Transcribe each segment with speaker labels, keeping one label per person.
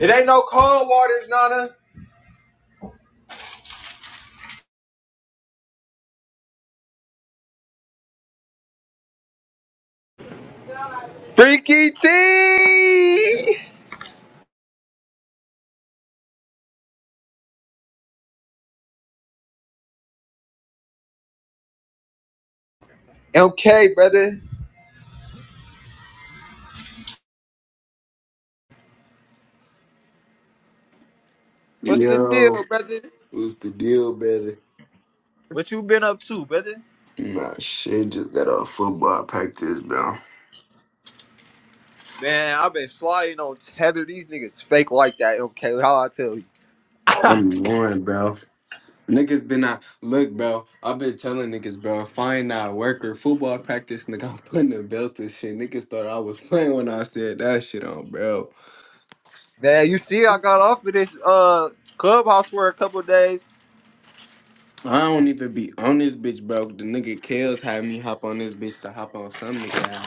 Speaker 1: It ain't no cold waters, Nana. Freaky T. Okay, brother. What's the deal,
Speaker 2: Yo,
Speaker 1: brother?
Speaker 2: what's the deal, baby?
Speaker 1: What you been up to, brother?
Speaker 2: Nah, shit, just got off football practice, bro.
Speaker 1: Man, I've been sliding on tether. These niggas fake like that. Okay, how I tell you,
Speaker 2: I'm going, bro. Niggas been out. Look, bro, I've been telling niggas, bro, if I ain't out working football practice, nigga, I'm putting a belt and shit. Niggas thought I was playing when I said that shit on, bro.
Speaker 1: man. You see, I got off of this uh clubhouse for a couple days,
Speaker 2: I don't even be on this bitch, bro. The nigga Kales had me hop on this bitch to hop on some nigga.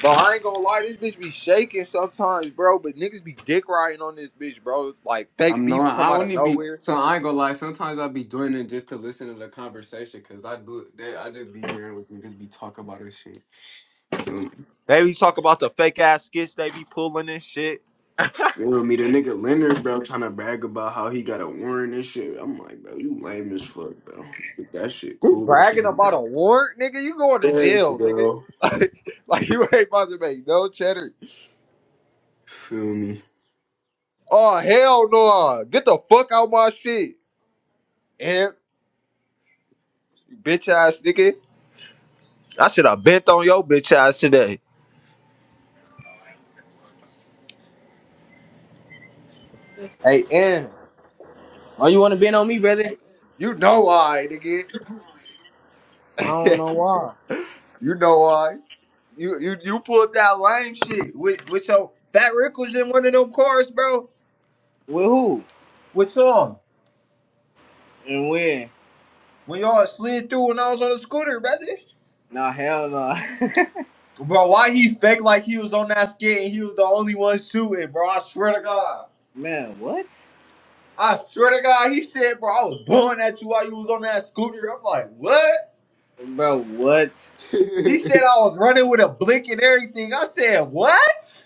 Speaker 1: but I ain't gonna lie, this bitch be shaking sometimes, bro. But niggas be dick riding on this bitch, bro. Like fake
Speaker 2: I'm
Speaker 1: beef
Speaker 2: not.
Speaker 1: come
Speaker 2: I
Speaker 1: out of
Speaker 2: only be
Speaker 1: nowhere.
Speaker 2: so I ain't gonna lie. Sometimes I be doing it just to listen to the conversation because I do. They, I just be hearing what niggas be talking about and shit. Feel me?
Speaker 1: They be talking about the fake ass skits they be pulling and shit.
Speaker 2: Feel me? The nigga Leonard, bro, trying to brag about how he got a warrant and shit. I'm like, bro, you lame as fuck, bro. But that shit
Speaker 1: You
Speaker 2: cool and
Speaker 1: bragging
Speaker 2: shit,
Speaker 1: about
Speaker 2: bro.
Speaker 1: a warrant, nigga? You going to
Speaker 2: Yes,
Speaker 1: jail, nigga?
Speaker 2: bro.
Speaker 1: Like, like you ain't about to make no cheddar.
Speaker 2: Feel me?
Speaker 1: Oh hell no! Get the fuck out my shit, and bitch ass nigga. I should have bent on your bitch ass today. Hey, and
Speaker 3: Oh, you want to bend on me, brother?
Speaker 1: you know why, nigga?
Speaker 3: I don't know why.
Speaker 1: you know why? You you you pulled that lame shit with with your Fat Rick was in one of them cars, bro.
Speaker 3: With who
Speaker 1: With y'all
Speaker 3: and when?
Speaker 1: when y'all slid through when I was on the scooter, brother.
Speaker 3: Nah, hell no.
Speaker 1: Bro, why he fake like he was on that skit and he was the only one shooting, bro? I swear to God.
Speaker 3: Man, what?
Speaker 1: I swear to God, he said, bro, I was blowing at you while you was on that scooter. I'm like, what?
Speaker 3: Bro, what?
Speaker 1: He said I was running with a blick and everything. I said, what?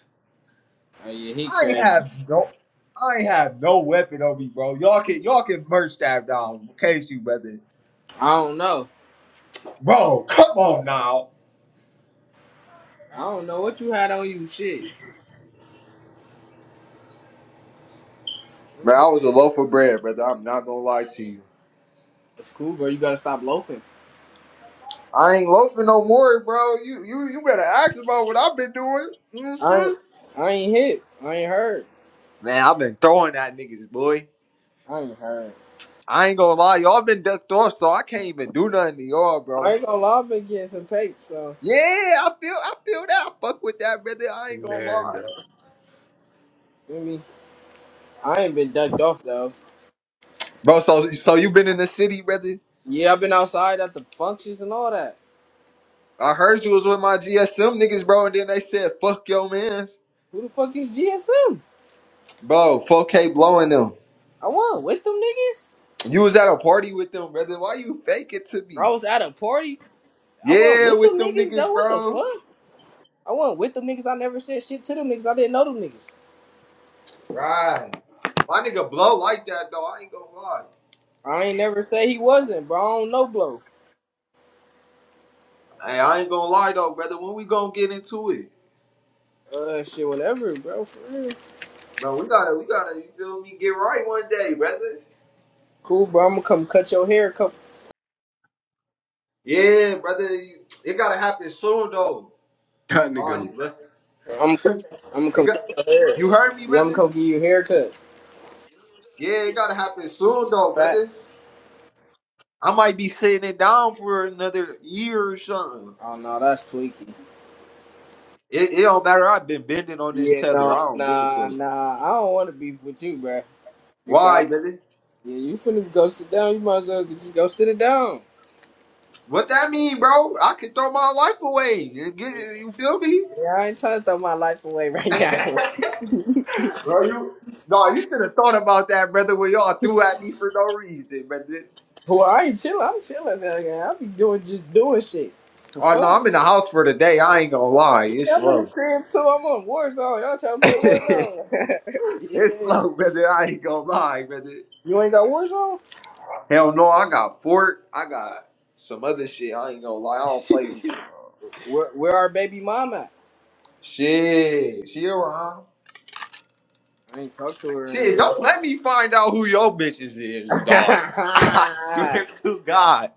Speaker 3: Oh yeah, he
Speaker 1: I ain't
Speaker 3: crazy.
Speaker 1: have no I ain't have no weapon on me, bro. Y'all can y'all can merch that down in case you brother.
Speaker 3: I don't know.
Speaker 1: Bro, come on now.
Speaker 3: I don't know what you had on you. Shit,
Speaker 1: Bro, I was a loaf of bread, brother. I'm not gonna lie to you.
Speaker 3: it's cool, bro. You gotta stop loafing.
Speaker 1: I ain't loafing no more, bro. You you you better ask about what I've been doing.
Speaker 3: I
Speaker 1: hmm
Speaker 3: ain't, I ain't hit. I ain't hurt.
Speaker 1: Man, I've been throwing at niggas, boy.
Speaker 3: I ain't hurt.
Speaker 1: I ain't gonna lie, y'all been ducked off, so I can't even do nothing to y'all,
Speaker 3: I
Speaker 1: bro.
Speaker 3: ain't gonna lie. I've been getting some pay, so
Speaker 1: Yeah, I feel I feel that. I fuck with that, brother. I ain't gonna
Speaker 2: Man,
Speaker 1: lie,
Speaker 2: dog.
Speaker 3: you know me. I ain't been ducked off though.
Speaker 1: bro. So so you been in the city, brother?
Speaker 3: Yeah, I've been outside at the functions and all that.
Speaker 1: I heard you was with my GSM niggas, bro, and then they said fuck your mans,
Speaker 3: Who the fuck is GSM?
Speaker 1: bro. 4K blowing them.
Speaker 3: I won with them niggas.
Speaker 1: You was at a party with them, brother. Why you fake it to
Speaker 3: I
Speaker 1: me?
Speaker 3: was at a party. I wasn't
Speaker 1: Yeah,
Speaker 3: with them
Speaker 1: with them
Speaker 3: niggas
Speaker 1: niggas,
Speaker 3: though. What the
Speaker 1: bro.
Speaker 3: fuck? I wasn't with them niggas. I never said shit to them niggas. I didn't know them niggas.
Speaker 1: Right. My nigga blow like that though. I ain't gonna lie.
Speaker 3: I ain't never say he wasn't, bro. I don't know, bro.
Speaker 1: Hey, I ain't gonna lie though, brother. When we gonna get into it?
Speaker 3: Uh, shit, whatever, bro. For real.
Speaker 1: Bro, we gotta we gotta, you feel me, get right one day, brother.
Speaker 3: Cool, bro. I'm gonna come cut your hair. Come,
Speaker 1: Yeah, brother. you- It gotta happen soon though.
Speaker 2: That
Speaker 1: Oh he
Speaker 2: nigga,
Speaker 3: I'm gonna, I'm gonna
Speaker 1: it
Speaker 3: come cut
Speaker 1: got
Speaker 3: your hair.
Speaker 1: you heard me,
Speaker 3: Yeah, I'm gonna come
Speaker 1: brother?
Speaker 3: give you a haircut.
Speaker 1: Yeah, it gotta happen soon though,
Speaker 3: Facts.
Speaker 1: brother. I might be sitting it down for another year or something.
Speaker 3: Oh no, that's tweaky.
Speaker 1: It, it don't matter. I've been bending on this
Speaker 3: Yeah,
Speaker 1: tether. I
Speaker 3: no,
Speaker 1: don't give a
Speaker 3: nah,
Speaker 1: fuck.
Speaker 3: nah. I don't want to beef with you, bro. You got
Speaker 1: Why,
Speaker 3: it.
Speaker 1: brother?
Speaker 3: Yeah, you finna go sit down. You might as well just go sit it down.
Speaker 1: What that mean, bro? I could throw my life away. You feel me?
Speaker 3: Yeah, I ain't trying to throw my life away right now.
Speaker 1: bro, you no, you should have thought about that, brother, when y'all threw at me for no reason, brother.
Speaker 3: Well, I ain't chilling. I'm chilling now, yeah. I be doing just doing shit for
Speaker 1: Oh no,
Speaker 3: fun.
Speaker 1: I'm in the house for the day. I ain't gonna lie. It's
Speaker 3: Yeah, I'm in the
Speaker 1: slow.
Speaker 3: crib too. I'm on Warzone. Y'all trying to play
Speaker 1: it's
Speaker 3: Warzone? yeah.
Speaker 1: slow, brother. I ain't gonna lie, brother.
Speaker 3: You ain't got Warzone?
Speaker 1: Hell no, I got Fort. I got some other shit. I ain't gonna lie. I don't play with it, bro.
Speaker 3: Where Where our baby mom at?
Speaker 1: Shit. She around.
Speaker 3: I ain't talked to her in a
Speaker 1: Shit,
Speaker 3: minute.
Speaker 1: don't let me find out who your bitches is, dog. I swear to God,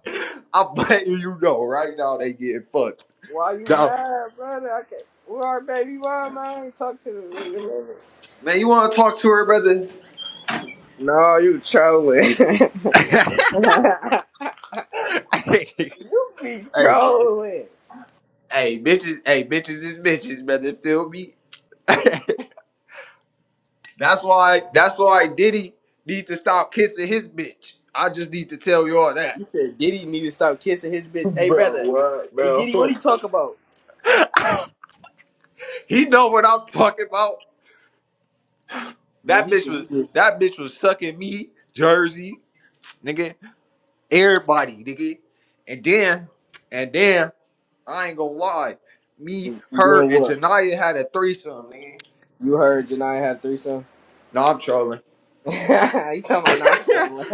Speaker 1: I'm letting you know right now they getting fucked.
Speaker 3: Why you
Speaker 1: Dog.
Speaker 3: mad, brother? I can't. Where our baby mom? at? I ain't talked to her in a minute.
Speaker 1: Man, you want to talk to her, brother?
Speaker 3: No, you trolling.
Speaker 1: hey,
Speaker 3: you be trolling.
Speaker 1: hey, bitches, hey, bitches is bitches, brother. Feel me? that's why, that's why Diddy need to stop kissing his bitch. I just need to tell you all that.
Speaker 3: You said Diddy need to stop kissing his bitch. Hey, brother.
Speaker 2: bro.
Speaker 3: Hey, Diddy, what he
Speaker 2: What,
Speaker 3: talk about?
Speaker 1: He know what I'm talking about.
Speaker 3: Yeah,
Speaker 1: That
Speaker 3: he
Speaker 1: bitch
Speaker 3: said
Speaker 1: was,
Speaker 3: you
Speaker 1: that bitch was sucking me, Jersey, nigga. Everybody, nigga. And then, and then, I ain't gonna lie. Me,
Speaker 3: did. And
Speaker 1: her,
Speaker 3: then
Speaker 1: and
Speaker 3: what?
Speaker 1: Janaya had a threesome, nigga.
Speaker 3: You heard Janai had threesome?
Speaker 1: No, I'm trolling.
Speaker 3: he talking about knock down.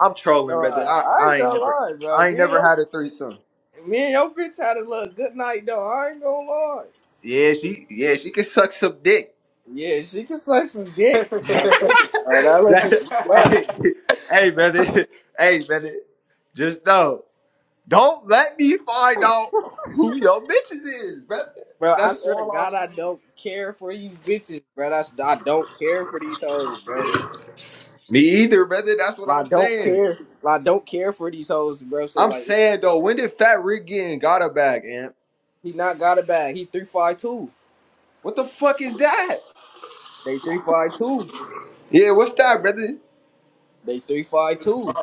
Speaker 1: I'm
Speaker 3: No,
Speaker 1: trolling, brother.
Speaker 3: I,
Speaker 1: I,
Speaker 3: I
Speaker 1: I
Speaker 3: ain't
Speaker 1: ain't
Speaker 3: gonna
Speaker 1: never,
Speaker 3: lie, bro.
Speaker 1: I ain't
Speaker 3: Me and,
Speaker 1: never
Speaker 3: your,
Speaker 1: had a threesome.
Speaker 3: me and your bitch had a little good night, though. I ain't gonna lie.
Speaker 1: Yeah, she, yeah, she can suck some dick.
Speaker 3: Yeah, she can suck some dick. Oh, thank you, bro. That little bitch
Speaker 1: that,
Speaker 3: is slut.
Speaker 1: hey,
Speaker 2: bro?
Speaker 1: hey, brother, hey, brother. Just know, don't let me find out who your bitches is, brother.
Speaker 3: Bro, I
Speaker 1: That's
Speaker 3: swear to
Speaker 1: all I'm
Speaker 3: God, I
Speaker 1: saying.
Speaker 3: don't care for these bitches, bro. That's, I don't care for these hoes, bro.
Speaker 1: Me either, brother. That's what
Speaker 3: I
Speaker 1: I'm
Speaker 3: don't
Speaker 1: saying.
Speaker 3: care. I don't care for these hoes, bro. So
Speaker 1: I'm
Speaker 3: like,
Speaker 1: saying though, when did Fat Rick get in got a bag, Amp?
Speaker 3: He not got it back. He three five two.
Speaker 1: What the fuck is that?
Speaker 3: They three five two.
Speaker 1: Yeah, what's that, brother?
Speaker 3: They three five two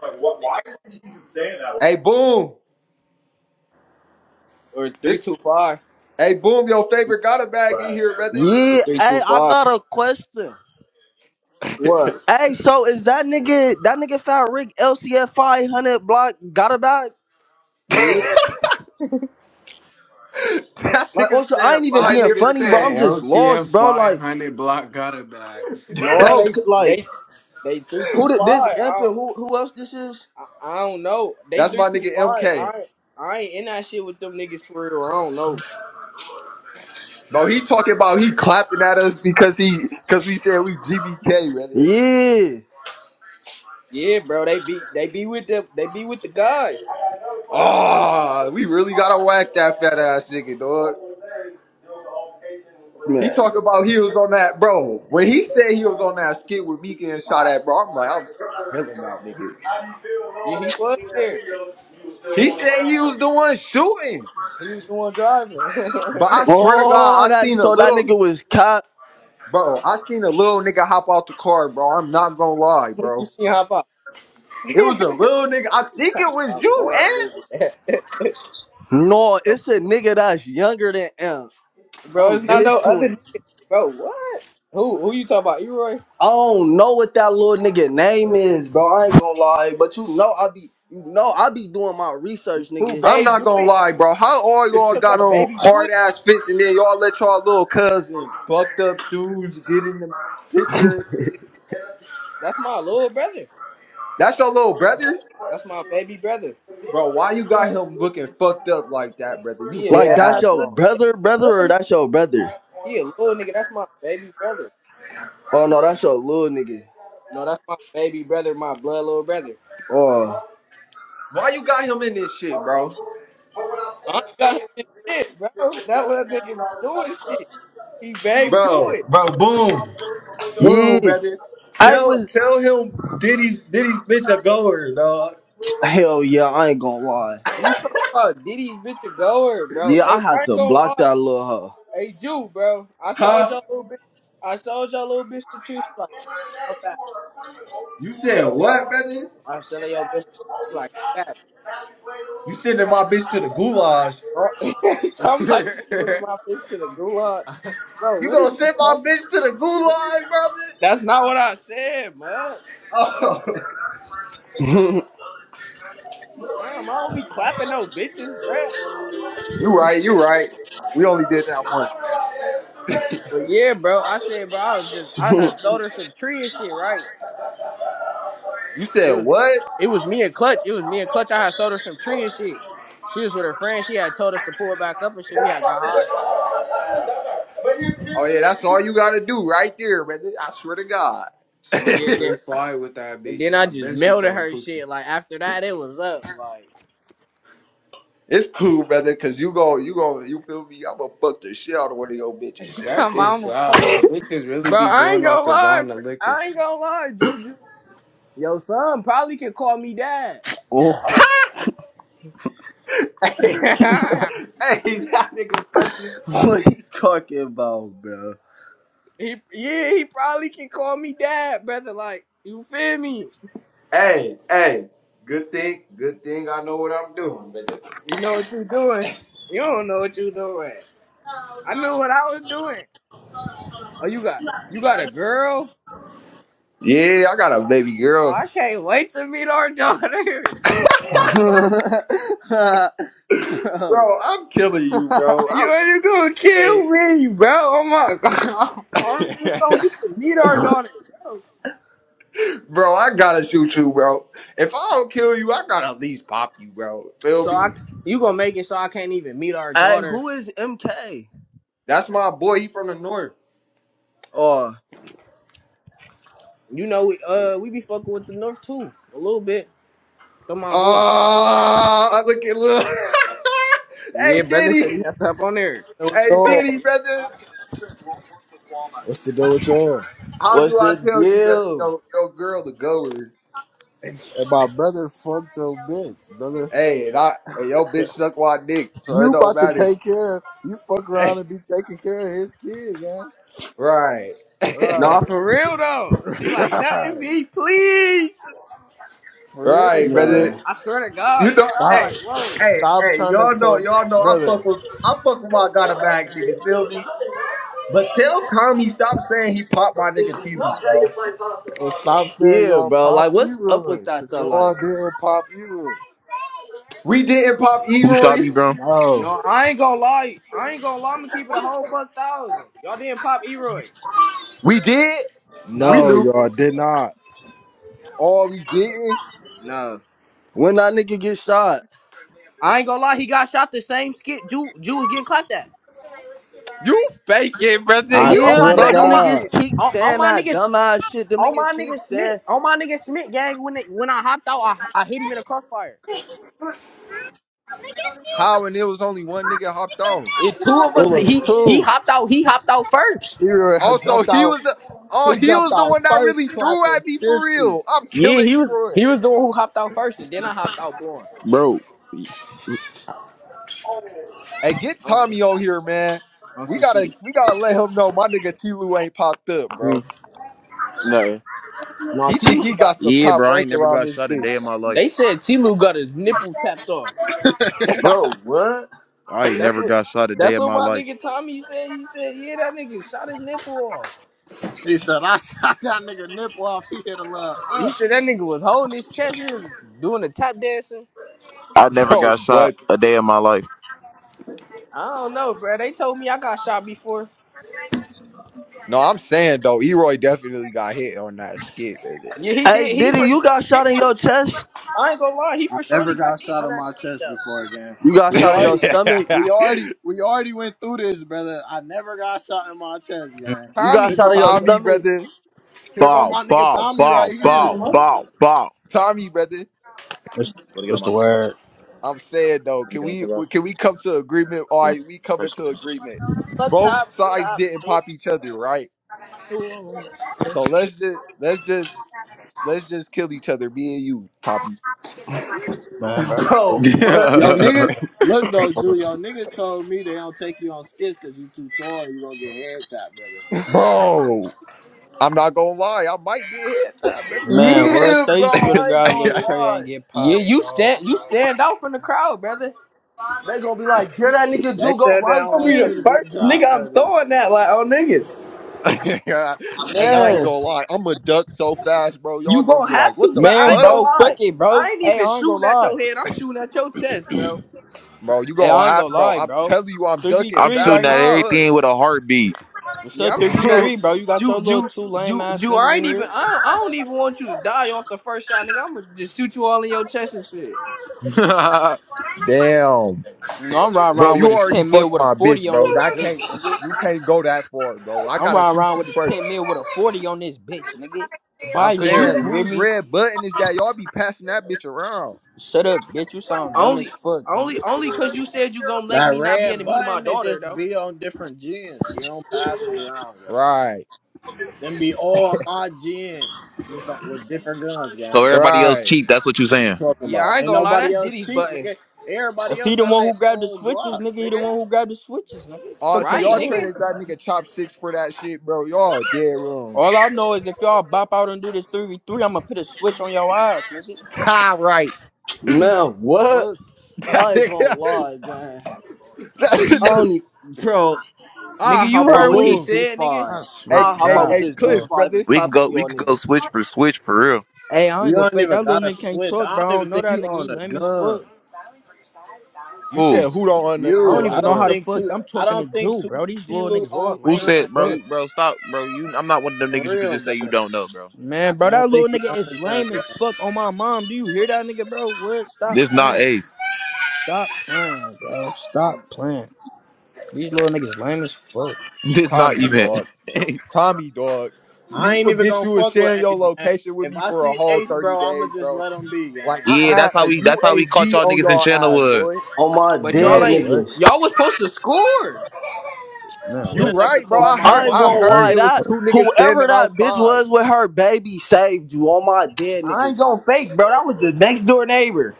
Speaker 1: Hey, boom.
Speaker 3: or three
Speaker 1: This,
Speaker 3: two five.
Speaker 1: hey, boom. Your favorite got a bag in here, brother.
Speaker 3: They
Speaker 4: Yeah,
Speaker 3: three two
Speaker 4: hey, I
Speaker 3: five.
Speaker 4: got a question.
Speaker 3: What?
Speaker 1: that
Speaker 4: Hey, so is that nigga that nigga Fat Rick LCF five hundred block got a back?
Speaker 3: Yeah.
Speaker 4: Like,
Speaker 1: nigga
Speaker 4: also, I
Speaker 1: said
Speaker 4: ain't even
Speaker 2: That
Speaker 1: five
Speaker 4: being
Speaker 2: nigga
Speaker 1: different
Speaker 4: funny, bro. I'm
Speaker 2: said
Speaker 1: games.
Speaker 4: just
Speaker 2: LCF
Speaker 4: lost, bro. Like,
Speaker 2: 500 block got it back.
Speaker 3: No,
Speaker 4: bro,
Speaker 3: they
Speaker 4: t- like,
Speaker 3: they they three two
Speaker 4: who did this
Speaker 3: five. I
Speaker 4: imp
Speaker 3: don't,
Speaker 4: and who who else this is?
Speaker 3: I, I don't know. They
Speaker 1: That's
Speaker 3: three
Speaker 1: my
Speaker 3: two
Speaker 1: nigga
Speaker 3: five.
Speaker 1: MK.
Speaker 3: I ain't- I ain't in that shit with them niggas for real. I don't know.
Speaker 1: Bro, he talking about he clapping at us because he because we said we GBK, brother.
Speaker 4: Yeah,
Speaker 3: Yeah, bro. They be they be with the they be with the guys.
Speaker 1: Oh, we really gotta whack that fat ass nigga, dog. He
Speaker 4: man.
Speaker 1: talked about he was on that, bro. When he said he was on that skit with Mika and shot at, bro, I'm like, I'm killing that nigga.
Speaker 3: Yeah, he was there.
Speaker 1: He said he was the one shooting,
Speaker 3: He was the one driving.
Speaker 1: but I swear to God,
Speaker 4: Oh,
Speaker 1: I
Speaker 4: that
Speaker 1: seen a
Speaker 4: so that
Speaker 1: little,
Speaker 4: nigga was cop.
Speaker 1: bro. I seen a little nigga hop out the car, bro. I'm not gonna lie,
Speaker 3: Who you
Speaker 1: bro.
Speaker 3: see hop out?
Speaker 1: It was a little nigga. I think it was
Speaker 3: My
Speaker 1: you, and
Speaker 3: man, nigga.
Speaker 4: No, it's a nigga that's younger than imp.
Speaker 3: Bro,
Speaker 4: I'm
Speaker 3: it's not
Speaker 1: it,
Speaker 4: hip
Speaker 3: no
Speaker 4: to
Speaker 3: other
Speaker 4: him.
Speaker 3: nigga. Bro, what? Who who you talking about? Eroy?
Speaker 4: I don't know what that little nigga name is, bro. I ain't gonna lie, but you know I be, you know I be doing my research,
Speaker 3: Who
Speaker 4: nigga.
Speaker 1: I'm
Speaker 3: babe
Speaker 1: not
Speaker 3: do
Speaker 1: gonna
Speaker 3: it?
Speaker 1: lie, bro. How all y'all
Speaker 3: You talking
Speaker 1: got
Speaker 3: about
Speaker 1: on
Speaker 3: baby do
Speaker 1: hard
Speaker 3: it?
Speaker 1: ass fits and then y'all let y'all little cousin fucked up shoes get in the picture and shit?
Speaker 3: That's my little brother.
Speaker 1: That's your little brother?
Speaker 3: That's my baby brother.
Speaker 1: Bro, why you got him looking fucked up like that, brother? You
Speaker 3: He a
Speaker 1: dead
Speaker 4: Like
Speaker 3: badass
Speaker 4: that's
Speaker 1: ass
Speaker 4: your
Speaker 3: little
Speaker 1: wrong.
Speaker 3: he
Speaker 4: brother,
Speaker 3: a
Speaker 4: brother,
Speaker 3: little
Speaker 4: or
Speaker 3: nigga.
Speaker 4: that's your brother?
Speaker 3: He a little nigga. That's my baby brother.
Speaker 4: Oh no, that's your little nigga.
Speaker 3: No, that's my baby brother, my blood little brother.
Speaker 4: Oh
Speaker 1: Why you got him in this shit, bro?
Speaker 3: I ain't got him in shit, bro. That little nigga be doing shit. He babe do
Speaker 1: Bro,
Speaker 3: it.
Speaker 1: bro, boom. Boom,
Speaker 4: yeah,
Speaker 1: brother.
Speaker 4: I
Speaker 1: Tell
Speaker 4: was
Speaker 1: tell him Diddy's Diddy's bitch a goer, dog.
Speaker 4: hell yeah. I ain't gonna lie.
Speaker 3: You talking about Diddy's bitch a goer, bro.
Speaker 4: Yeah, I
Speaker 3: Hey, I
Speaker 4: had
Speaker 3: ain't
Speaker 4: to
Speaker 3: gonna
Speaker 4: block
Speaker 3: lie.
Speaker 4: that little hoe.
Speaker 3: Hey, Jew, bro. I sold
Speaker 1: Huh?
Speaker 3: your little bitch. I sold your little bitch to Trish. come back.
Speaker 1: You said what, brother?
Speaker 3: I'm selling your bitch, you like, come back,
Speaker 1: You sending my bitch to the goulash.
Speaker 3: bro. talking about to sending my bitch to the gulag. Bro,
Speaker 1: You
Speaker 3: what
Speaker 1: gonna
Speaker 3: is you
Speaker 1: send my
Speaker 3: talking
Speaker 1: bitch to the goulash, brother?
Speaker 3: That's not what I said, bud.
Speaker 1: Oh
Speaker 3: Damn, I don't be clapping no bitches, bro.
Speaker 1: You right, you right. We only did that once.
Speaker 3: But yeah, bro, I said, bro, I was just, I had sold her some tree and shit, right?
Speaker 1: You said
Speaker 3: It was,
Speaker 1: what?
Speaker 3: it was me and Clutch. It was me and Clutch. I had sold her some tree and shit. She was with her friend. She had told us to pull it back up and shit. We had got high.
Speaker 1: Oh yeah, that's all you gotta do right there, brother. I swear to God.
Speaker 3: Yeah,
Speaker 2: Smoking three
Speaker 3: then,
Speaker 2: fly with that
Speaker 3: and then
Speaker 2: bitch.
Speaker 3: I
Speaker 2: I
Speaker 3: just
Speaker 2: bet she
Speaker 3: melted
Speaker 2: throwing
Speaker 3: her shit.
Speaker 2: coochie.
Speaker 3: Like after that, it was up. Like
Speaker 1: It's cool, brother, cause you go, you go, you feel me? I'm gonna fuck the shit out of one of your bitches.
Speaker 3: you
Speaker 1: It's
Speaker 2: That
Speaker 3: talking
Speaker 1: cool.
Speaker 3: about
Speaker 2: shit
Speaker 3: I'm gonna
Speaker 2: sad,
Speaker 3: fuck that.
Speaker 2: bro. Bitches really
Speaker 3: Bro,
Speaker 2: be
Speaker 3: I ain't
Speaker 2: going off
Speaker 3: gonna
Speaker 2: the
Speaker 3: lie.
Speaker 2: Zana
Speaker 3: I
Speaker 2: liquor.
Speaker 3: ain't gonna lie, Juju. Your son probably can call me dad.
Speaker 4: Oh,
Speaker 3: he,
Speaker 1: Hey, hey, that nigga funny as fuck.
Speaker 4: what he talking about, bro?
Speaker 3: yeah, he probably can call me dad, brother. Like, you feel me?
Speaker 1: Hey, hey, good thing, good thing I know what I'm doing, brother.
Speaker 3: You know what you doing. You don't know what you doing. I knew what I was doing. Oh, you got you got a girl?
Speaker 1: Yeah, I got a baby
Speaker 3: Oh,
Speaker 1: girl,
Speaker 3: I can't wait to meet our daughter.
Speaker 1: bro. I'm killing you, bro.
Speaker 3: You ain't gonna
Speaker 1: I,
Speaker 3: kill me, bro. Oh my god.
Speaker 1: hey,
Speaker 3: I'm just gonna get to meet our daughter, bro.
Speaker 1: bro, I gotta shoot you, bro. If I don't kill you, I gotta at least pop you, bro. Feel
Speaker 3: So
Speaker 1: me?
Speaker 3: I you gonna make it so I can't even meet our
Speaker 4: hey,
Speaker 3: daughter
Speaker 4: who is MK?
Speaker 1: That's my boy. He from the north.
Speaker 4: Oh,
Speaker 3: You know, uh, we be fucking with the North too a little bit. Come on, boy.
Speaker 1: Ah, look at look.
Speaker 3: Yeah,
Speaker 1: hey,
Speaker 3: brother said
Speaker 1: Diddy.
Speaker 3: he have to hop on there.
Speaker 5: deal with
Speaker 1: Hey
Speaker 5: y'all?
Speaker 1: Diddy, brother,
Speaker 5: What's the deal with y'all?
Speaker 1: how
Speaker 4: what's
Speaker 1: do I
Speaker 4: the
Speaker 1: tell you, brother?
Speaker 4: deal,
Speaker 1: Yo, your girl the goer.
Speaker 5: And my brother fucked your bitch, brother.
Speaker 1: Hey, and I, and your
Speaker 5: Th-
Speaker 1: bitch suck my dick, so it
Speaker 5: You
Speaker 1: don't
Speaker 5: about to
Speaker 1: matter.
Speaker 5: take care. of, You fuck around
Speaker 1: Hey,
Speaker 5: and be taking care of his kid, yeah.
Speaker 1: right,
Speaker 3: No,
Speaker 5: Right,
Speaker 3: for real though. She like nothing
Speaker 5: right.
Speaker 3: me, please.
Speaker 5: For real,
Speaker 1: right, brother.
Speaker 5: brother.
Speaker 4: man?
Speaker 3: I swear to
Speaker 1: You
Speaker 3: God,
Speaker 1: know,
Speaker 3: brother. I'm
Speaker 5: Stop,
Speaker 3: like,
Speaker 1: hey,
Speaker 3: whoa.
Speaker 1: hey,
Speaker 5: stop
Speaker 1: hey,
Speaker 5: trying to
Speaker 1: y'all know,
Speaker 5: talk,
Speaker 1: y'all know. I
Speaker 5: brother,
Speaker 1: fuck with, I fuck with my got a bag niggas. Feel me? But tell Tommy stop saying he popped my nigga T Lou, bro.
Speaker 5: and stop saying
Speaker 4: Yeah,
Speaker 5: you're on
Speaker 4: bro.
Speaker 5: Pop
Speaker 4: Like, what's up with
Speaker 5: Eroy,
Speaker 4: that
Speaker 5: cause
Speaker 4: though? Like,
Speaker 5: y'all didn't Pop Eroy.
Speaker 1: We didn't pop
Speaker 6: Who shot me,
Speaker 1: Eroy.
Speaker 6: bro?
Speaker 5: No,
Speaker 3: No, I ain't gonna lie. I ain't gonna lie. I'm gonna keep it a whole buck thousand. Y'all didn't pop Eroy.
Speaker 1: We did. We
Speaker 3: No,
Speaker 5: no,
Speaker 1: knew.
Speaker 5: y'all did not.
Speaker 1: Oh, we didn't.
Speaker 3: no.
Speaker 4: when that nigga get shot.
Speaker 3: I ain't gonna lie. He got shot the same skit. Jew, Jew was getting clapped at.
Speaker 1: You faking, brother.
Speaker 3: On,
Speaker 5: I
Speaker 1: You
Speaker 3: on
Speaker 4: Yeah,
Speaker 3: my
Speaker 5: swear
Speaker 3: nigga.
Speaker 5: to
Speaker 4: bro. Them
Speaker 3: On
Speaker 1: faking.
Speaker 3: my.
Speaker 4: niggas
Speaker 5: God,
Speaker 4: keep
Speaker 3: On, on
Speaker 4: saying
Speaker 3: my
Speaker 4: that
Speaker 3: nigga.
Speaker 4: dumbass shit. Them
Speaker 3: On
Speaker 4: niggas
Speaker 3: my
Speaker 4: keep
Speaker 3: nigga Schmidt,
Speaker 4: saying,
Speaker 3: on my nigga Schmidt gang, when it, when I hopped out, I, I hit him in a crossfire.
Speaker 1: How and it was only one nigga hopped off.
Speaker 3: It's two of
Speaker 5: it
Speaker 3: us.
Speaker 5: was
Speaker 3: He he
Speaker 5: two.
Speaker 3: hopped out. He hopped out first.
Speaker 5: Eroy had
Speaker 1: Also,
Speaker 5: jumped
Speaker 1: he
Speaker 5: out.
Speaker 1: was the oh
Speaker 5: He
Speaker 1: he
Speaker 5: dropped
Speaker 1: was the
Speaker 5: out
Speaker 1: one that
Speaker 5: first
Speaker 1: really threw
Speaker 5: clapping
Speaker 1: at me for
Speaker 5: 50.
Speaker 1: real. I'm
Speaker 3: Yeah, he
Speaker 1: killing
Speaker 3: was
Speaker 1: Eroy.
Speaker 3: he was the one who hopped out first, and then I hopped out blowing.
Speaker 6: Bro.
Speaker 1: Hey, get
Speaker 3: On some
Speaker 1: Tommy on here, man.
Speaker 3: on
Speaker 1: We
Speaker 3: some
Speaker 1: gotta
Speaker 3: shit.
Speaker 1: we gotta let him know my nigga T Lou ain't popped up,
Speaker 6: Hmm,
Speaker 1: bro.
Speaker 6: Nothing.
Speaker 3: No,
Speaker 1: He
Speaker 3: T
Speaker 1: think
Speaker 3: Lou
Speaker 1: he
Speaker 3: got.
Speaker 1: got some
Speaker 6: Yeah,
Speaker 1: top
Speaker 6: bro. I ain't
Speaker 1: rank
Speaker 6: never
Speaker 1: around
Speaker 6: got
Speaker 1: this
Speaker 6: shot a day
Speaker 1: bitch.
Speaker 6: in my life.
Speaker 3: They said T Lou got his nipple tapped off.
Speaker 4: bro, what?
Speaker 6: I ain't
Speaker 3: That's
Speaker 6: never
Speaker 3: what
Speaker 6: got shot a day
Speaker 3: that's
Speaker 6: in
Speaker 3: what
Speaker 6: my
Speaker 3: my
Speaker 6: life.
Speaker 3: nigga Tommy said. He said yeah, that nigga shot his nipple off.
Speaker 5: He said, I shot that nigga nipple off. He hit a little,
Speaker 3: He
Speaker 5: uh.
Speaker 3: said that nigga was holding his chest. He was doing the tap dancing.
Speaker 6: I never
Speaker 1: bro,
Speaker 6: got shot
Speaker 1: but
Speaker 6: a day in my life.
Speaker 3: I don't know, bro. They told me I got shot before.
Speaker 1: no, I'm saying though, Eroy definitely got hit on that skit, brother.
Speaker 3: Yeah, he did.
Speaker 4: Hey,
Speaker 3: He
Speaker 4: Diddy,
Speaker 3: for sure.
Speaker 4: you got
Speaker 3: He
Speaker 4: shot in
Speaker 3: for sure.
Speaker 4: your chest.
Speaker 3: I ain't gonna lie, he
Speaker 5: I
Speaker 3: for surely
Speaker 5: never
Speaker 3: got
Speaker 5: got
Speaker 3: hit
Speaker 5: shot
Speaker 3: on
Speaker 5: on
Speaker 3: that
Speaker 5: my
Speaker 3: skate
Speaker 5: chest
Speaker 3: though.
Speaker 5: before again.
Speaker 4: You got
Speaker 5: We
Speaker 4: shot in your
Speaker 5: already,
Speaker 4: stomach.
Speaker 5: we already, we already went through this, brother. I never got shot in my chest,
Speaker 7: What's,
Speaker 5: man.
Speaker 4: You got
Speaker 5: Here
Speaker 3: Tommy,
Speaker 4: shot in
Speaker 5: go,
Speaker 4: your
Speaker 1: Tommy,
Speaker 4: stomach,
Speaker 1: brother.
Speaker 5: here go
Speaker 6: Bow,
Speaker 5: my nigga
Speaker 6: bow,
Speaker 5: Tommy right
Speaker 6: bow,
Speaker 5: here.
Speaker 6: bow, bow, bow. Want
Speaker 1: Tommy, brother.
Speaker 6: to get on
Speaker 7: what's the
Speaker 6: my club? Want
Speaker 7: word,
Speaker 1: I'm saying though,
Speaker 6: to
Speaker 1: can
Speaker 6: get on
Speaker 1: we
Speaker 6: club?
Speaker 1: can we come to agreement? All
Speaker 6: You know,
Speaker 1: right, we come
Speaker 6: say
Speaker 1: into
Speaker 6: something.
Speaker 1: agreement. Both sides didn't pop each other, right? So let's just let's just let's just kill each other, me and you, Toppy.
Speaker 7: man, bro? I swear
Speaker 4: bro. What?
Speaker 5: Yo,
Speaker 7: to
Speaker 6: Yeah.
Speaker 5: niggas, look though, Drew,
Speaker 7: God.
Speaker 5: yo, niggas told me they don't take you on skits because you too tall and you gonna get head tapped, brother.
Speaker 1: Bro, I'm not gonna lie, I might get hit, time, brother. I,
Speaker 7: Man,
Speaker 1: yo.
Speaker 7: what?
Speaker 4: Yeah,
Speaker 7: Say
Speaker 4: bro.
Speaker 7: you swear to
Speaker 4: I ain't
Speaker 7: God,
Speaker 4: gonna
Speaker 7: little Trey ain't
Speaker 4: lie.
Speaker 7: get
Speaker 3: yeah,
Speaker 7: popped,
Speaker 3: you
Speaker 7: bro.
Speaker 3: stand you stand out from the crowd, brother.
Speaker 4: They gonna be like, get that nigga
Speaker 5: They
Speaker 4: Jugo
Speaker 5: said they
Speaker 3: You
Speaker 4: right
Speaker 5: don't
Speaker 3: gonna be
Speaker 5: want
Speaker 3: the
Speaker 5: you to
Speaker 4: there,
Speaker 5: get
Speaker 3: first nigga
Speaker 5: dropped,
Speaker 3: I'm
Speaker 5: brother.
Speaker 3: throwing that like on niggas.
Speaker 1: hey, I ain't
Speaker 7: Man,
Speaker 4: man.
Speaker 1: gonna lie, I'm gonna duck so fast, bro. Y'all
Speaker 3: You
Speaker 1: gonna
Speaker 3: gonna
Speaker 1: be like,
Speaker 3: have
Speaker 1: what
Speaker 3: to,
Speaker 1: the
Speaker 3: bro. I
Speaker 7: man,
Speaker 3: ain't
Speaker 1: fuck,
Speaker 3: gonna
Speaker 7: bro, fuck
Speaker 3: lie.
Speaker 7: it,
Speaker 3: I
Speaker 7: bro.
Speaker 3: ain't
Speaker 7: Hey,
Speaker 3: even
Speaker 7: I ain't gonna
Speaker 3: shooting at your
Speaker 7: lie.
Speaker 3: head. I'm shooting at your chest, bro.
Speaker 1: bro? You
Speaker 7: Hey,
Speaker 1: gonna
Speaker 7: I ain't
Speaker 1: have,
Speaker 7: gonna
Speaker 1: bro?
Speaker 7: lie,
Speaker 1: I'm
Speaker 7: bro.
Speaker 1: telling you, I'm
Speaker 7: Three v
Speaker 1: ducking
Speaker 6: I'm
Speaker 7: three
Speaker 6: shooting
Speaker 7: right
Speaker 1: fast
Speaker 6: at
Speaker 1: as
Speaker 7: now.
Speaker 1: fuck.
Speaker 6: everything with a heartbeat.
Speaker 7: What's
Speaker 3: Yeah,
Speaker 7: up,
Speaker 3: I'm
Speaker 7: three v
Speaker 3: shooting at
Speaker 7: three, bro? You got your
Speaker 3: Ju
Speaker 7: little
Speaker 3: Ju
Speaker 7: two lame
Speaker 3: Ju
Speaker 7: ass
Speaker 3: Ju.
Speaker 7: niggas
Speaker 3: I
Speaker 7: in
Speaker 3: ain't even.
Speaker 7: here.
Speaker 3: I don't, I don't even want you to die off the first shot, nigga. I'm gonna just shoot you all in your chest and shit.
Speaker 1: Damn.
Speaker 7: No, I'm riding
Speaker 1: Bro,
Speaker 7: around with
Speaker 1: you
Speaker 7: a
Speaker 1: already
Speaker 7: ten mil
Speaker 1: fucked
Speaker 7: with a
Speaker 1: my bitch,
Speaker 7: forty on
Speaker 1: bro.
Speaker 7: this
Speaker 1: I can't.
Speaker 7: bitch, nigga.
Speaker 1: You can't go that far, bro. I
Speaker 7: I'm
Speaker 1: gotta
Speaker 7: riding
Speaker 1: shoot
Speaker 7: around
Speaker 1: you
Speaker 7: with a
Speaker 1: first.
Speaker 7: ten mil with a forty on this bitch, nigga.
Speaker 1: I'm
Speaker 3: Cause
Speaker 7: Binary,
Speaker 3: you
Speaker 1: saying,
Speaker 7: you hear
Speaker 6: Nah,
Speaker 1: whose
Speaker 7: me?
Speaker 1: red button is that? Y'all be passing that bitch around.
Speaker 7: Shut up, bitch. You sound dumb as
Speaker 3: only
Speaker 7: fuck,
Speaker 3: only
Speaker 7: nigga.
Speaker 3: only cause you said you gonna make
Speaker 5: That
Speaker 3: me not be able
Speaker 5: red
Speaker 3: to meet my
Speaker 5: button, it
Speaker 3: daughter
Speaker 5: just
Speaker 3: though.
Speaker 5: be on different gens. We don't pass it around, yo.
Speaker 1: Right,
Speaker 5: Then be all my gens, just on, with different guns,
Speaker 6: So
Speaker 5: gang.
Speaker 6: everybody else
Speaker 1: right.
Speaker 6: cheap. That's what you
Speaker 5: What you
Speaker 6: saying.
Speaker 5: talking
Speaker 3: Yeah, I
Speaker 5: about?
Speaker 3: ain't
Speaker 5: Ain't
Speaker 3: gonna lie.
Speaker 5: nobody
Speaker 3: That's
Speaker 5: else
Speaker 3: Diddy's
Speaker 5: cheap,
Speaker 3: button.
Speaker 5: nigga. Everybody
Speaker 7: If
Speaker 5: else
Speaker 7: he the
Speaker 5: got
Speaker 7: one
Speaker 5: their
Speaker 7: who grabbed the
Speaker 5: own
Speaker 7: switches,
Speaker 5: Glock,
Speaker 7: nigga, he the
Speaker 5: nigga.
Speaker 7: one who grabbed the switches, nigga.
Speaker 1: Uh,
Speaker 7: Fuck
Speaker 1: so
Speaker 7: you
Speaker 3: Right,
Speaker 1: y'all
Speaker 7: saying?
Speaker 3: nigga.
Speaker 1: traded that nigga Chop Six for that shit, bro. Y'all dead wrong.
Speaker 7: All I know is if y'all bop out and do this 3v3, I'ma put a switch on your eyes, nigga.
Speaker 1: Tie right.
Speaker 4: Man, what?
Speaker 7: Fuck.
Speaker 4: I ain't gonna lie, gang.
Speaker 3: Nigga,
Speaker 4: I
Speaker 3: you
Speaker 1: hey,
Speaker 4: only, bro. I
Speaker 3: nigga,
Speaker 4: hop
Speaker 3: you
Speaker 7: Man,
Speaker 4: out
Speaker 3: heard
Speaker 4: with
Speaker 3: what
Speaker 7: bro.
Speaker 3: he
Speaker 4: this
Speaker 1: boom.
Speaker 4: deuce
Speaker 3: said, nigga.
Speaker 4: five.
Speaker 7: I swear
Speaker 1: Hey,
Speaker 4: I
Speaker 7: to
Speaker 4: hop
Speaker 1: hey,
Speaker 4: out with
Speaker 1: hey,
Speaker 7: God,
Speaker 4: this deuce
Speaker 7: bro.
Speaker 1: Cliff,
Speaker 4: five
Speaker 1: brother.
Speaker 4: and
Speaker 6: We can
Speaker 4: clap one
Speaker 6: go.
Speaker 4: of
Speaker 6: We
Speaker 4: y'all
Speaker 6: could go
Speaker 4: niggas.
Speaker 6: switch for switch for real.
Speaker 7: Hey, I ain't
Speaker 5: You
Speaker 7: gonna
Speaker 5: don't
Speaker 7: fake.
Speaker 5: even
Speaker 7: That little
Speaker 5: gotta
Speaker 7: nigga can't
Speaker 5: switch.
Speaker 7: talk,
Speaker 5: I
Speaker 7: bro.
Speaker 5: don't
Speaker 7: I don't
Speaker 5: even
Speaker 7: know
Speaker 5: think
Speaker 7: that
Speaker 5: you
Speaker 7: nigga. He
Speaker 5: own a
Speaker 7: lame as
Speaker 5: gun.
Speaker 7: fuck.
Speaker 1: You
Speaker 6: Who?
Speaker 1: said who don't own the
Speaker 7: I don't
Speaker 5: You,
Speaker 1: own the
Speaker 5: I
Speaker 7: even know
Speaker 5: don't
Speaker 7: how
Speaker 1: gun?
Speaker 7: the
Speaker 5: think
Speaker 7: fuck
Speaker 5: too.
Speaker 7: I'm
Speaker 5: I
Speaker 7: talking to
Speaker 5: don't think
Speaker 7: Drew,
Speaker 5: too.
Speaker 7: bro. These
Speaker 5: T.
Speaker 7: little
Speaker 5: Lou
Speaker 7: niggas
Speaker 5: own
Speaker 7: all
Speaker 6: Who
Speaker 5: a
Speaker 7: lame
Speaker 5: gun,
Speaker 7: as
Speaker 6: said, bro?
Speaker 5: man.
Speaker 7: fuck.
Speaker 6: You, bro, stop, bro. You. I'm not one of them
Speaker 5: For
Speaker 6: niggas. You could
Speaker 5: real,
Speaker 6: just say you
Speaker 5: brother.
Speaker 6: don't know, bro.
Speaker 7: Man,
Speaker 5: I
Speaker 7: bro,
Speaker 5: don't
Speaker 7: that little
Speaker 5: think you
Speaker 7: nigga
Speaker 5: own a
Speaker 7: is
Speaker 5: gun,
Speaker 7: lame
Speaker 5: gang.
Speaker 7: as fuck on my mom. Do you hear that nigga, bro? What? Stop
Speaker 6: This not
Speaker 7: playing.
Speaker 6: Ace.
Speaker 7: Stop playing, bro. Stop playing. These little niggas lame as fuck.
Speaker 6: This not
Speaker 1: Tommy,
Speaker 6: even.
Speaker 1: dog.
Speaker 6: Ace.
Speaker 1: Tommy, dog.
Speaker 5: I
Speaker 1: You
Speaker 5: ain't even
Speaker 1: forget
Speaker 5: gonna
Speaker 1: you was
Speaker 5: fuck with
Speaker 1: sharing your
Speaker 5: Ace, gang.
Speaker 1: location with
Speaker 5: If
Speaker 1: me
Speaker 5: I
Speaker 1: for a
Speaker 5: see
Speaker 1: whole
Speaker 5: Ace,
Speaker 1: thirty
Speaker 5: bro, I'ma
Speaker 1: days,
Speaker 5: just
Speaker 1: bro.
Speaker 5: let him be,
Speaker 1: Like
Speaker 5: gang.
Speaker 1: I
Speaker 6: yeah, that's
Speaker 1: had
Speaker 6: how
Speaker 1: a
Speaker 6: we. That's how we caught
Speaker 1: UAV
Speaker 6: y'all
Speaker 1: on
Speaker 6: niggas in
Speaker 1: y'all ass,
Speaker 6: Channelwood.
Speaker 1: boy.
Speaker 4: On my
Speaker 3: But
Speaker 7: Bro,
Speaker 3: y'all
Speaker 4: dead
Speaker 3: ain't
Speaker 4: niggas.
Speaker 7: what?
Speaker 3: y'all was supposed to score.
Speaker 5: You
Speaker 7: Man,
Speaker 1: You
Speaker 5: should
Speaker 7: what?
Speaker 5: never
Speaker 1: right, bro.
Speaker 7: This
Speaker 5: call
Speaker 1: I
Speaker 5: my
Speaker 1: heard
Speaker 4: I ain't
Speaker 1: I
Speaker 4: gonna
Speaker 7: nigga
Speaker 5: phone.
Speaker 7: lame
Speaker 1: heard
Speaker 4: lie,
Speaker 1: it
Speaker 7: as
Speaker 1: was
Speaker 4: that
Speaker 7: fuck.
Speaker 1: two niggas
Speaker 4: whoever
Speaker 1: standing
Speaker 4: that bitch
Speaker 1: outside.
Speaker 4: was with her baby saved you. On my dead
Speaker 3: I ain't
Speaker 4: niggas.
Speaker 3: gonna fake, bro. That was the next door neighbor.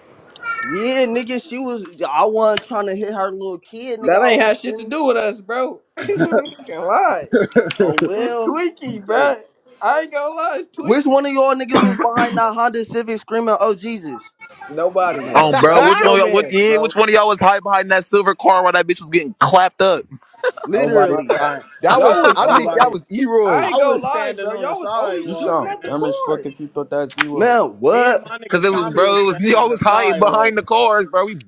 Speaker 4: Yeah, nigga, she was. I wasn't trying to hit her little kid, nigga.
Speaker 3: That
Speaker 4: Oh,
Speaker 3: ain't
Speaker 4: you
Speaker 3: had shit to
Speaker 4: feel me?
Speaker 3: do with us, bro. Nigga, lie.
Speaker 4: Oh
Speaker 3: It's
Speaker 4: well.
Speaker 3: Twinkie,
Speaker 4: Shit.
Speaker 3: bro. I ain't gonna lie, it's
Speaker 4: Which
Speaker 3: Twinkie.
Speaker 4: one of y'all niggas was behind that Honda Civic screaming, "Oh Jesus"?
Speaker 5: None
Speaker 3: Nobody.
Speaker 5: of us.
Speaker 6: Um,
Speaker 3: That
Speaker 6: bro,
Speaker 3: was
Speaker 6: which
Speaker 1: that
Speaker 3: your
Speaker 6: one? Y'all, which
Speaker 3: man,
Speaker 6: yeah? Which
Speaker 3: bro.
Speaker 6: one of y'all was high behind that silver car while that bitch was getting clapped up?
Speaker 3: Oh
Speaker 5: Nobody
Speaker 3: my
Speaker 5: was
Speaker 4: Literally,
Speaker 3: god.
Speaker 5: high.
Speaker 3: Y'all
Speaker 1: was
Speaker 3: was
Speaker 1: I think
Speaker 3: shooting.
Speaker 1: that
Speaker 5: Nobody.
Speaker 1: was
Speaker 3: I
Speaker 1: Eroy.
Speaker 5: I
Speaker 3: ain't
Speaker 5: was
Speaker 3: gonna lie,
Speaker 5: standing
Speaker 3: bro.
Speaker 5: on the
Speaker 3: Y'all was only
Speaker 7: You
Speaker 5: sidewalk,
Speaker 3: shooting
Speaker 7: sound
Speaker 3: at the
Speaker 5: man.
Speaker 7: dumb as fuck
Speaker 3: course.
Speaker 7: if you thought that was Eroy.
Speaker 4: man.
Speaker 5: Me and
Speaker 4: What?
Speaker 5: my
Speaker 6: Cause
Speaker 5: nigga
Speaker 6: it was,
Speaker 5: Tommy
Speaker 6: bro.
Speaker 5: was
Speaker 6: It was
Speaker 5: standing on
Speaker 6: y'all
Speaker 5: the
Speaker 6: was hiding
Speaker 5: sidewalk.
Speaker 6: behind the cars, bro. We.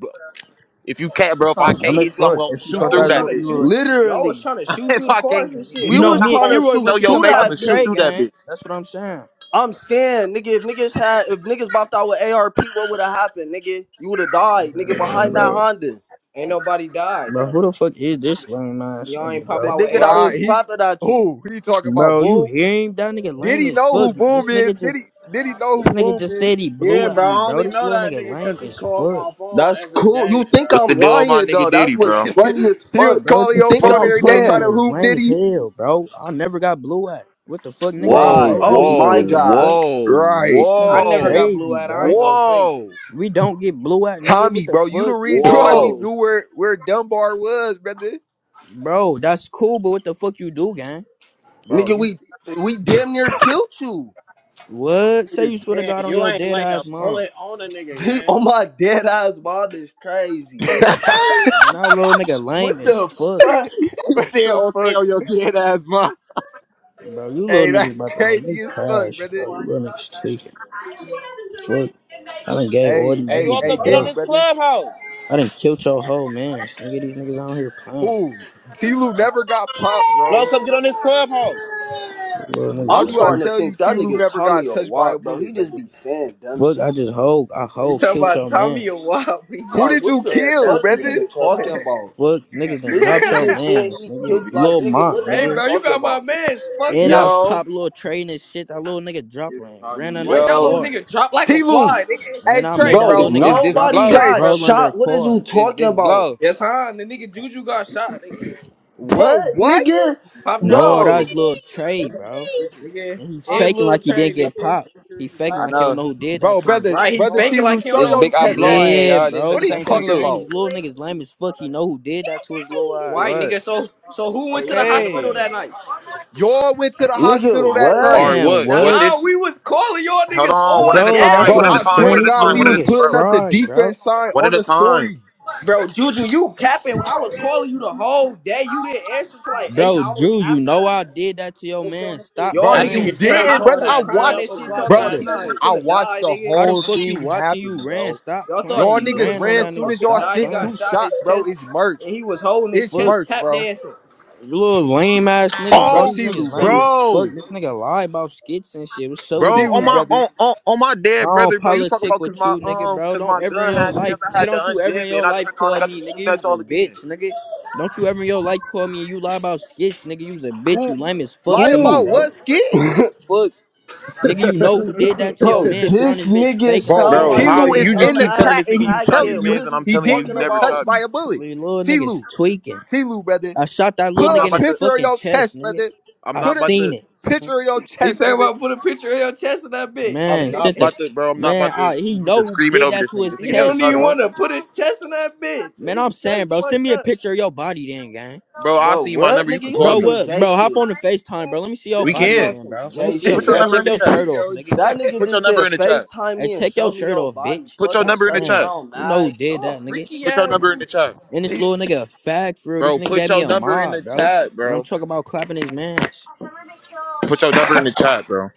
Speaker 6: If you can't,
Speaker 7: You
Speaker 6: bro. If I
Speaker 7: sound
Speaker 6: can't
Speaker 7: dumb as
Speaker 6: hit you, I'm
Speaker 7: fuck
Speaker 6: gonna
Speaker 7: if you
Speaker 6: shoot
Speaker 3: Y'all
Speaker 7: thought that
Speaker 3: was
Speaker 6: through
Speaker 7: was
Speaker 6: that
Speaker 7: little
Speaker 3: trying to
Speaker 6: bitch.
Speaker 3: shoot.
Speaker 7: Eroy.
Speaker 3: Y'all was
Speaker 4: Literally.
Speaker 3: trying to shoot
Speaker 6: if
Speaker 3: through the
Speaker 6: I
Speaker 3: course
Speaker 6: can't,
Speaker 3: and shit,
Speaker 6: if
Speaker 7: You
Speaker 4: We
Speaker 6: you
Speaker 7: know,
Speaker 4: was
Speaker 3: bro.
Speaker 6: not
Speaker 7: me and
Speaker 4: trying
Speaker 6: gonna
Speaker 4: to
Speaker 7: Eroy
Speaker 4: shoot
Speaker 6: show
Speaker 7: went to
Speaker 6: your
Speaker 4: through
Speaker 7: come
Speaker 6: face,
Speaker 7: pop
Speaker 6: I'm gonna
Speaker 4: that
Speaker 6: shoot
Speaker 7: Trey,
Speaker 4: bitch.
Speaker 6: through that
Speaker 7: gang.
Speaker 6: bitch.
Speaker 7: That's what I'm saying.
Speaker 4: I'm saying, nigga, if niggas had, if niggas bopped out with ARP, what would have happened, nigga? You would have died, nigga,
Speaker 7: Man,
Speaker 4: behind that
Speaker 7: bro.
Speaker 4: Honda.
Speaker 3: Ain't nobody died
Speaker 7: Bro,
Speaker 3: though.
Speaker 7: who the fuck is this lame ass
Speaker 3: Y'all ain't
Speaker 7: nigga,
Speaker 3: pop
Speaker 4: The
Speaker 7: bro?
Speaker 3: out
Speaker 4: nigga
Speaker 3: with
Speaker 4: that
Speaker 3: ARP.
Speaker 1: Right.
Speaker 4: was
Speaker 1: He
Speaker 4: clapping at you.
Speaker 1: who he talking about
Speaker 7: Bro, you
Speaker 1: Boom.
Speaker 7: hear him? That nigga
Speaker 1: Did
Speaker 7: lame
Speaker 1: he
Speaker 7: as
Speaker 1: know who
Speaker 7: fuck.
Speaker 1: Boom
Speaker 7: This
Speaker 1: is?
Speaker 7: nigga
Speaker 1: Did he
Speaker 7: just,
Speaker 1: did he know who
Speaker 7: this nigga
Speaker 1: Boom
Speaker 7: just
Speaker 1: is?
Speaker 7: said he
Speaker 5: Yeah,
Speaker 7: blew at
Speaker 5: bro.
Speaker 7: me,
Speaker 5: I
Speaker 7: bro.
Speaker 5: only
Speaker 7: This
Speaker 5: know
Speaker 7: little
Speaker 5: that
Speaker 7: nigga
Speaker 5: nigga because
Speaker 7: lame
Speaker 5: he
Speaker 7: as
Speaker 5: called
Speaker 7: fuck.
Speaker 5: my phone
Speaker 4: That's
Speaker 5: every
Speaker 4: cool. You
Speaker 5: day,
Speaker 4: think
Speaker 6: What's
Speaker 5: bro.
Speaker 6: the
Speaker 4: I'm
Speaker 6: deal with my
Speaker 4: lying,
Speaker 6: nigga
Speaker 4: though. That's
Speaker 6: Diddy,
Speaker 4: what's
Speaker 6: bro?
Speaker 4: funny as
Speaker 1: he was
Speaker 4: fuck.
Speaker 7: Bro, what
Speaker 1: calling
Speaker 4: You
Speaker 7: the
Speaker 1: your
Speaker 4: think
Speaker 1: phone
Speaker 7: fuck?
Speaker 5: Yeah.
Speaker 4: I'm
Speaker 7: This
Speaker 1: every day
Speaker 7: little
Speaker 1: trying to
Speaker 4: playing.
Speaker 7: nigga is
Speaker 1: hoop,
Speaker 7: lame
Speaker 1: did
Speaker 7: as
Speaker 1: he?
Speaker 7: hell, bro. I never got blew at. What the fuck? Niggas don't
Speaker 6: Whoa,
Speaker 7: blow
Speaker 1: Right.
Speaker 7: at
Speaker 4: Oh
Speaker 7: me, bro.
Speaker 4: my
Speaker 7: What the
Speaker 6: whoa,
Speaker 4: God.
Speaker 7: fuck?
Speaker 6: whoa,
Speaker 1: Right.
Speaker 7: This
Speaker 3: I
Speaker 7: nigga
Speaker 3: never got
Speaker 6: whoa,
Speaker 3: blue
Speaker 7: crazy,
Speaker 3: eyed. I
Speaker 7: bro.
Speaker 3: ain't go fake.
Speaker 6: whoa,
Speaker 7: We don't get blew at, nigga.
Speaker 1: Tommy,
Speaker 7: What the
Speaker 1: bro, you the
Speaker 7: fuck?
Speaker 1: reason why we
Speaker 6: whoa.
Speaker 4: Bro,
Speaker 1: knew where, where Dunbar was, brother.
Speaker 7: Bro, that's cool, but what the fuck you do, gang?
Speaker 1: Bro,
Speaker 4: nigga,
Speaker 1: you
Speaker 4: we
Speaker 1: see.
Speaker 4: we damn near killed you.
Speaker 7: What? Say you
Speaker 5: You
Speaker 7: swear to
Speaker 5: did.
Speaker 7: God on
Speaker 5: You
Speaker 7: your
Speaker 5: ain't
Speaker 7: dead
Speaker 5: lay a
Speaker 7: ass mom.
Speaker 5: bullet on a nigga, gang.
Speaker 4: On my dead ass, mom is crazy.
Speaker 7: Man, that little nigga lame
Speaker 4: What
Speaker 7: as
Speaker 4: the
Speaker 7: fuck.
Speaker 4: fuck?
Speaker 6: He
Speaker 1: what
Speaker 6: said,
Speaker 1: the
Speaker 6: oh, say
Speaker 1: fuck?
Speaker 6: on your dead ass, mom.
Speaker 7: Bro, you little
Speaker 1: Hey,
Speaker 7: niggas
Speaker 1: that's
Speaker 7: about to make me
Speaker 1: crazy as fuck,
Speaker 7: crash,
Speaker 1: brother.
Speaker 7: bro. You little niggas tweaking. Fuck. I done gave all
Speaker 1: Hey,
Speaker 7: these
Speaker 6: Hey, you
Speaker 1: hey,
Speaker 7: niggas
Speaker 6: all
Speaker 7: the
Speaker 1: hey,
Speaker 6: come get on
Speaker 1: Diddy,
Speaker 7: belt.
Speaker 6: this
Speaker 1: brother.
Speaker 6: clubhouse.
Speaker 7: I done killed your whole man. Nigga, these niggas out here playing.
Speaker 1: Who? T Lou never got popped,
Speaker 6: Blow,
Speaker 1: bro.
Speaker 6: come get on this club.
Speaker 7: You little niggas
Speaker 1: How
Speaker 4: I'm
Speaker 1: do I
Speaker 7: tweaking.
Speaker 4: starting to
Speaker 1: tell you
Speaker 4: think that
Speaker 1: T Lou
Speaker 4: nigga
Speaker 1: never
Speaker 4: Tommy
Speaker 1: got
Speaker 4: a
Speaker 1: touched by a
Speaker 4: lot, bro. He
Speaker 1: bullet,
Speaker 4: just
Speaker 1: brother?
Speaker 4: be saying dumb
Speaker 7: Fuck, I
Speaker 4: shit.
Speaker 7: just hoe, I
Speaker 3: You
Speaker 7: hoe,
Speaker 3: talking
Speaker 7: killed
Speaker 3: about
Speaker 7: your
Speaker 3: Tommy or
Speaker 7: mans.
Speaker 3: Wop? We
Speaker 1: Who
Speaker 3: just
Speaker 4: Like,
Speaker 1: did
Speaker 3: be
Speaker 4: what
Speaker 1: you
Speaker 4: the
Speaker 3: saying
Speaker 1: kill,
Speaker 3: dumb
Speaker 4: fuck is
Speaker 3: shit.
Speaker 1: brother?
Speaker 4: he talking about?
Speaker 7: Fuck, niggas done
Speaker 4: This
Speaker 7: dropped
Speaker 4: nigga
Speaker 7: your
Speaker 4: just said
Speaker 7: mans,
Speaker 4: he
Speaker 7: nigga.
Speaker 4: killed. Like,
Speaker 7: Lil
Speaker 4: nigga, what
Speaker 7: Mont,
Speaker 4: is you
Speaker 3: hey,
Speaker 7: nigga.
Speaker 3: bro, you
Speaker 4: talking
Speaker 3: got my
Speaker 4: about,
Speaker 3: man's fucked
Speaker 7: And I
Speaker 3: up.
Speaker 6: Yo,
Speaker 7: pop little train and shit. That little nigga dropped and ran
Speaker 3: Right,
Speaker 7: under a
Speaker 3: that
Speaker 6: yo,
Speaker 3: little
Speaker 7: car.
Speaker 3: nigga dropped like a
Speaker 1: T Lou.
Speaker 3: fly, nigga.
Speaker 7: Man,
Speaker 1: Hey,
Speaker 7: I
Speaker 1: Trey,
Speaker 7: made
Speaker 3: What
Speaker 7: that
Speaker 3: the fuck
Speaker 4: bro?
Speaker 6: this,
Speaker 3: you
Speaker 7: little
Speaker 1: bro.
Speaker 6: this,
Speaker 7: nigga
Speaker 3: talking
Speaker 6: this
Speaker 3: about,
Speaker 7: drop
Speaker 4: Nobody
Speaker 3: nigga?
Speaker 6: blow.
Speaker 1: Trey,
Speaker 7: and
Speaker 4: got
Speaker 7: roll
Speaker 1: brother.
Speaker 7: under a
Speaker 4: shot. What is
Speaker 7: car.
Speaker 4: you
Speaker 6: This,
Speaker 4: talking about?
Speaker 3: Yes, huh? The nigga Juju got shot, nigga.
Speaker 1: Bro,
Speaker 4: What,
Speaker 1: what?
Speaker 4: nigga,
Speaker 3: Popped out,
Speaker 7: No,
Speaker 3: little
Speaker 4: bro,
Speaker 7: that's was
Speaker 3: nigga,
Speaker 7: little
Speaker 6: Hey,
Speaker 7: Trey,
Speaker 6: what
Speaker 7: bro.
Speaker 6: they
Speaker 3: nigga,
Speaker 7: And he
Speaker 3: and
Speaker 7: faking
Speaker 3: little
Speaker 7: like he
Speaker 3: Trey,
Speaker 7: didn't get
Speaker 3: nigga.
Speaker 7: popped. He faking like he don't know who did that
Speaker 1: Bro,
Speaker 7: to him.
Speaker 1: brother,
Speaker 3: Right, he
Speaker 1: brother T
Speaker 3: faking
Speaker 1: Lou,
Speaker 3: like he don't
Speaker 1: show
Speaker 3: know
Speaker 1: your
Speaker 3: who did
Speaker 1: chest,
Speaker 3: that
Speaker 1: brother.
Speaker 3: shit.
Speaker 7: Yeah,
Speaker 1: What
Speaker 7: bro.
Speaker 1: are you
Speaker 7: That's what I'm
Speaker 1: talking
Speaker 7: saying. These
Speaker 1: about?
Speaker 7: little niggas lame as fuck. He know who did that to his little
Speaker 6: saying
Speaker 7: eyes.
Speaker 3: Right,
Speaker 6: about
Speaker 3: nigga. So, so who went to the
Speaker 6: okay.
Speaker 3: hospital that
Speaker 6: me?
Speaker 3: night?
Speaker 1: Y'all went to the
Speaker 4: nigga,
Speaker 1: hospital that
Speaker 4: what,
Speaker 6: All
Speaker 1: night.
Speaker 6: right,
Speaker 7: Man,
Speaker 6: what?
Speaker 3: Nah,
Speaker 6: What
Speaker 7: what?
Speaker 6: this?
Speaker 3: uh, we was calling y'all
Speaker 6: Hold
Speaker 3: niggas
Speaker 6: on. What
Speaker 3: all
Speaker 6: at a
Speaker 7: Bro, that's
Speaker 6: time?
Speaker 3: day.
Speaker 7: what
Speaker 1: Bro,
Speaker 6: What at
Speaker 7: I'm
Speaker 6: a
Speaker 1: I
Speaker 6: time?
Speaker 1: swear
Speaker 6: What
Speaker 1: to
Speaker 7: saying.
Speaker 6: at a
Speaker 7: These
Speaker 1: God,
Speaker 6: time?
Speaker 7: little
Speaker 1: we
Speaker 6: What at a
Speaker 1: was
Speaker 6: time?
Speaker 7: niggas
Speaker 1: putting
Speaker 6: bro?
Speaker 1: up the
Speaker 7: fried, bro.
Speaker 1: defense sign
Speaker 6: One
Speaker 1: on
Speaker 6: at a
Speaker 1: the
Speaker 6: time.
Speaker 1: story.
Speaker 3: Bro, Juju, you capping. I was calling you the whole day. You didn't answer till like eight
Speaker 7: Bro,
Speaker 3: hours
Speaker 7: Drew, you
Speaker 3: after
Speaker 7: know
Speaker 3: that.
Speaker 7: I did that to your man. Stop
Speaker 3: Y'all
Speaker 1: Bro,
Speaker 5: That
Speaker 3: niggas
Speaker 1: you
Speaker 7: playing.
Speaker 3: is
Speaker 5: nigga
Speaker 3: in the
Speaker 5: Trey
Speaker 1: didn't,
Speaker 5: called
Speaker 1: brother.
Speaker 3: hospital
Speaker 1: I
Speaker 5: at
Speaker 3: crying
Speaker 5: 12
Speaker 3: and
Speaker 1: watched,
Speaker 3: shit. Y'all
Speaker 5: o'clock
Speaker 3: thought
Speaker 5: at
Speaker 1: brother.
Speaker 3: T Lou was
Speaker 5: night.
Speaker 1: I
Speaker 3: finna
Speaker 1: watched
Speaker 3: die,
Speaker 1: the
Speaker 3: nigga.
Speaker 7: How the
Speaker 1: whole
Speaker 7: fuck you
Speaker 1: thing
Speaker 7: watching you
Speaker 1: happen,
Speaker 7: ran?
Speaker 1: bro.
Speaker 7: Stop
Speaker 3: Y'all thought
Speaker 7: playing.
Speaker 1: Y'all
Speaker 3: T
Speaker 7: You
Speaker 3: Lou
Speaker 1: niggas
Speaker 3: was
Speaker 7: ran on
Speaker 1: ran
Speaker 3: finna
Speaker 7: that
Speaker 1: soon
Speaker 7: nigga.
Speaker 1: as
Speaker 3: fucking
Speaker 1: y'all
Speaker 7: Stop
Speaker 3: die. He
Speaker 1: sent
Speaker 3: got
Speaker 7: playing.
Speaker 1: two
Speaker 3: shot in his
Speaker 1: shots, bro.
Speaker 3: chest
Speaker 1: It's
Speaker 3: and
Speaker 1: merged.
Speaker 3: he was holding his
Speaker 1: It's
Speaker 7: Fuck.
Speaker 3: chest
Speaker 1: merged,
Speaker 3: tap
Speaker 1: bro.
Speaker 3: dancing.
Speaker 7: Little lame ass niggas, bro.
Speaker 1: Bro,
Speaker 6: Oh,
Speaker 7: These
Speaker 1: T
Speaker 7: niggas
Speaker 1: Lou,
Speaker 7: lame
Speaker 1: brother.
Speaker 7: as
Speaker 6: bro,
Speaker 7: fuck. This nigga lie about skits and shit. What's up with
Speaker 6: bro,
Speaker 1: T
Speaker 7: him,
Speaker 6: on
Speaker 1: Lou,
Speaker 7: bro?
Speaker 6: my
Speaker 1: brother.
Speaker 6: on on, on my
Speaker 7: I
Speaker 6: dead
Speaker 7: don't
Speaker 6: brother, bro. You talk
Speaker 7: politic
Speaker 6: about cause
Speaker 7: with
Speaker 6: my
Speaker 7: you, nigga,
Speaker 6: um
Speaker 7: bro.
Speaker 6: cause
Speaker 7: Don't
Speaker 6: my
Speaker 7: ever in
Speaker 6: gun
Speaker 7: your
Speaker 6: had
Speaker 7: life,
Speaker 6: jammed. I
Speaker 7: nigga,
Speaker 6: had to
Speaker 7: don't you ever
Speaker 6: unjam
Speaker 7: in
Speaker 6: it, and
Speaker 7: your
Speaker 6: I
Speaker 7: life
Speaker 6: turned around and
Speaker 7: call
Speaker 6: got
Speaker 7: me,
Speaker 6: to
Speaker 7: nigga,
Speaker 6: shooting at
Speaker 7: you's a
Speaker 6: y'all again.
Speaker 7: bitch, nigga. Don't you ever in your life call me and you lie about skits, nigga, you's a bitch.
Speaker 6: Who
Speaker 7: You lame as fuck
Speaker 1: Lie
Speaker 7: to me,
Speaker 1: about
Speaker 6: who?
Speaker 7: bro.
Speaker 1: what skid?
Speaker 7: Fuck, nigga, you know who did that to your
Speaker 4: bro?
Speaker 7: man? You run
Speaker 4: This
Speaker 7: his bitch
Speaker 4: nigga
Speaker 7: faking like
Speaker 1: Bro,
Speaker 7: you
Speaker 4: sound
Speaker 7: don't
Speaker 6: Bro,
Speaker 7: know
Speaker 1: T
Speaker 4: like
Speaker 7: who
Speaker 6: how
Speaker 1: Lou
Speaker 4: a
Speaker 7: did
Speaker 1: is
Speaker 6: you just
Speaker 7: that.
Speaker 1: in the
Speaker 6: keep telling
Speaker 4: dumbass
Speaker 1: chat
Speaker 6: this
Speaker 1: and
Speaker 6: nigga you
Speaker 1: he's
Speaker 6: shot his
Speaker 1: telling
Speaker 4: crackhead. What
Speaker 1: you
Speaker 6: man's,
Speaker 4: is
Speaker 6: and I'm
Speaker 4: you
Speaker 1: he
Speaker 6: telling you
Speaker 1: didn't
Speaker 6: you
Speaker 4: talking
Speaker 1: get
Speaker 6: never
Speaker 4: about,
Speaker 1: touched
Speaker 6: shot
Speaker 1: by
Speaker 6: me.
Speaker 1: a bullet.
Speaker 7: Little little
Speaker 1: T
Speaker 7: niggas
Speaker 1: Lou,
Speaker 7: tweaking.
Speaker 1: T Lou, brother.
Speaker 7: I shot that little
Speaker 6: I'm not
Speaker 7: nigga
Speaker 1: Put a
Speaker 7: in
Speaker 6: about
Speaker 7: his
Speaker 6: to.
Speaker 1: picture of
Speaker 7: fucking
Speaker 1: your
Speaker 7: chest,
Speaker 1: chest,
Speaker 7: nigga.
Speaker 1: brother.
Speaker 6: I'm
Speaker 7: I
Speaker 6: not
Speaker 1: Put a
Speaker 6: about to.
Speaker 7: seen it,
Speaker 1: picture of your
Speaker 3: he
Speaker 1: chest,
Speaker 3: talking
Speaker 1: brother.
Speaker 3: about put a picture of your chest in that bitch.
Speaker 6: I'm
Speaker 7: man.
Speaker 6: not
Speaker 7: Sent the
Speaker 6: about to, bro. I'm not
Speaker 7: man.
Speaker 6: about to
Speaker 7: I, he
Speaker 6: get to
Speaker 7: know who
Speaker 6: screaming
Speaker 7: did
Speaker 6: over
Speaker 7: that
Speaker 6: this
Speaker 7: to
Speaker 6: nigga.
Speaker 7: his
Speaker 6: This
Speaker 3: he
Speaker 6: nigga never
Speaker 3: don't
Speaker 7: chest,
Speaker 6: shot at
Speaker 3: even
Speaker 6: me,
Speaker 7: bro.
Speaker 3: wanna put his chest in that bitch.
Speaker 7: Man,
Speaker 3: His
Speaker 7: I'm
Speaker 3: chest
Speaker 7: saying, bro. Send
Speaker 3: fucked
Speaker 7: me a
Speaker 3: up.
Speaker 7: picture of your body, then, gang.
Speaker 6: bro. I'll
Speaker 4: bro?
Speaker 6: see you my
Speaker 4: What,
Speaker 6: number. You
Speaker 4: nigga?
Speaker 6: can
Speaker 4: You on
Speaker 6: call
Speaker 7: Bro,
Speaker 6: me.
Speaker 4: some
Speaker 7: what,
Speaker 4: gay
Speaker 7: bro? Hop
Speaker 4: shit?
Speaker 7: on the Facetime, bro. Let me see your
Speaker 6: We
Speaker 4: This nigga
Speaker 7: body,
Speaker 4: on
Speaker 6: can.
Speaker 7: then,
Speaker 4: some
Speaker 7: bro. Let me
Speaker 6: Put
Speaker 4: gay
Speaker 7: see
Speaker 5: He
Speaker 7: your,
Speaker 6: put
Speaker 4: shit.
Speaker 6: your
Speaker 7: bro.
Speaker 5: said,
Speaker 6: number
Speaker 7: Take
Speaker 6: in
Speaker 5: "Let
Speaker 6: the
Speaker 5: me
Speaker 7: your
Speaker 6: chat.
Speaker 5: see
Speaker 7: shirt off,
Speaker 5: your
Speaker 7: nigga.
Speaker 4: That
Speaker 5: check."
Speaker 4: nigga
Speaker 6: Put your
Speaker 4: just
Speaker 6: number in
Speaker 4: said
Speaker 6: the chat.
Speaker 4: FaceTime
Speaker 7: Hey,
Speaker 4: me and
Speaker 7: take
Speaker 4: show
Speaker 7: your
Speaker 4: me
Speaker 7: shirt
Speaker 4: your
Speaker 7: off,
Speaker 4: body.
Speaker 7: bitch.
Speaker 6: Put your
Speaker 7: Stop
Speaker 4: Fucking
Speaker 6: number in the
Speaker 4: 30
Speaker 7: playing.
Speaker 6: chat.
Speaker 4: round
Speaker 7: You know
Speaker 4: mag.
Speaker 7: who did
Speaker 3: Y'all
Speaker 7: that, nigga.
Speaker 3: freaky
Speaker 6: Put your number in
Speaker 3: ass.
Speaker 6: the chat,
Speaker 7: And this
Speaker 5: He
Speaker 7: little
Speaker 5: said,
Speaker 7: nigga a fag for real. This
Speaker 6: bro.
Speaker 7: nigga
Speaker 6: Put
Speaker 7: gave me
Speaker 6: your
Speaker 7: a
Speaker 6: number in the
Speaker 7: mob, bro.
Speaker 6: chat,
Speaker 7: And I'm
Speaker 6: bro.
Speaker 7: talking about clapping his mans.
Speaker 6: Put your number in the chat, bro.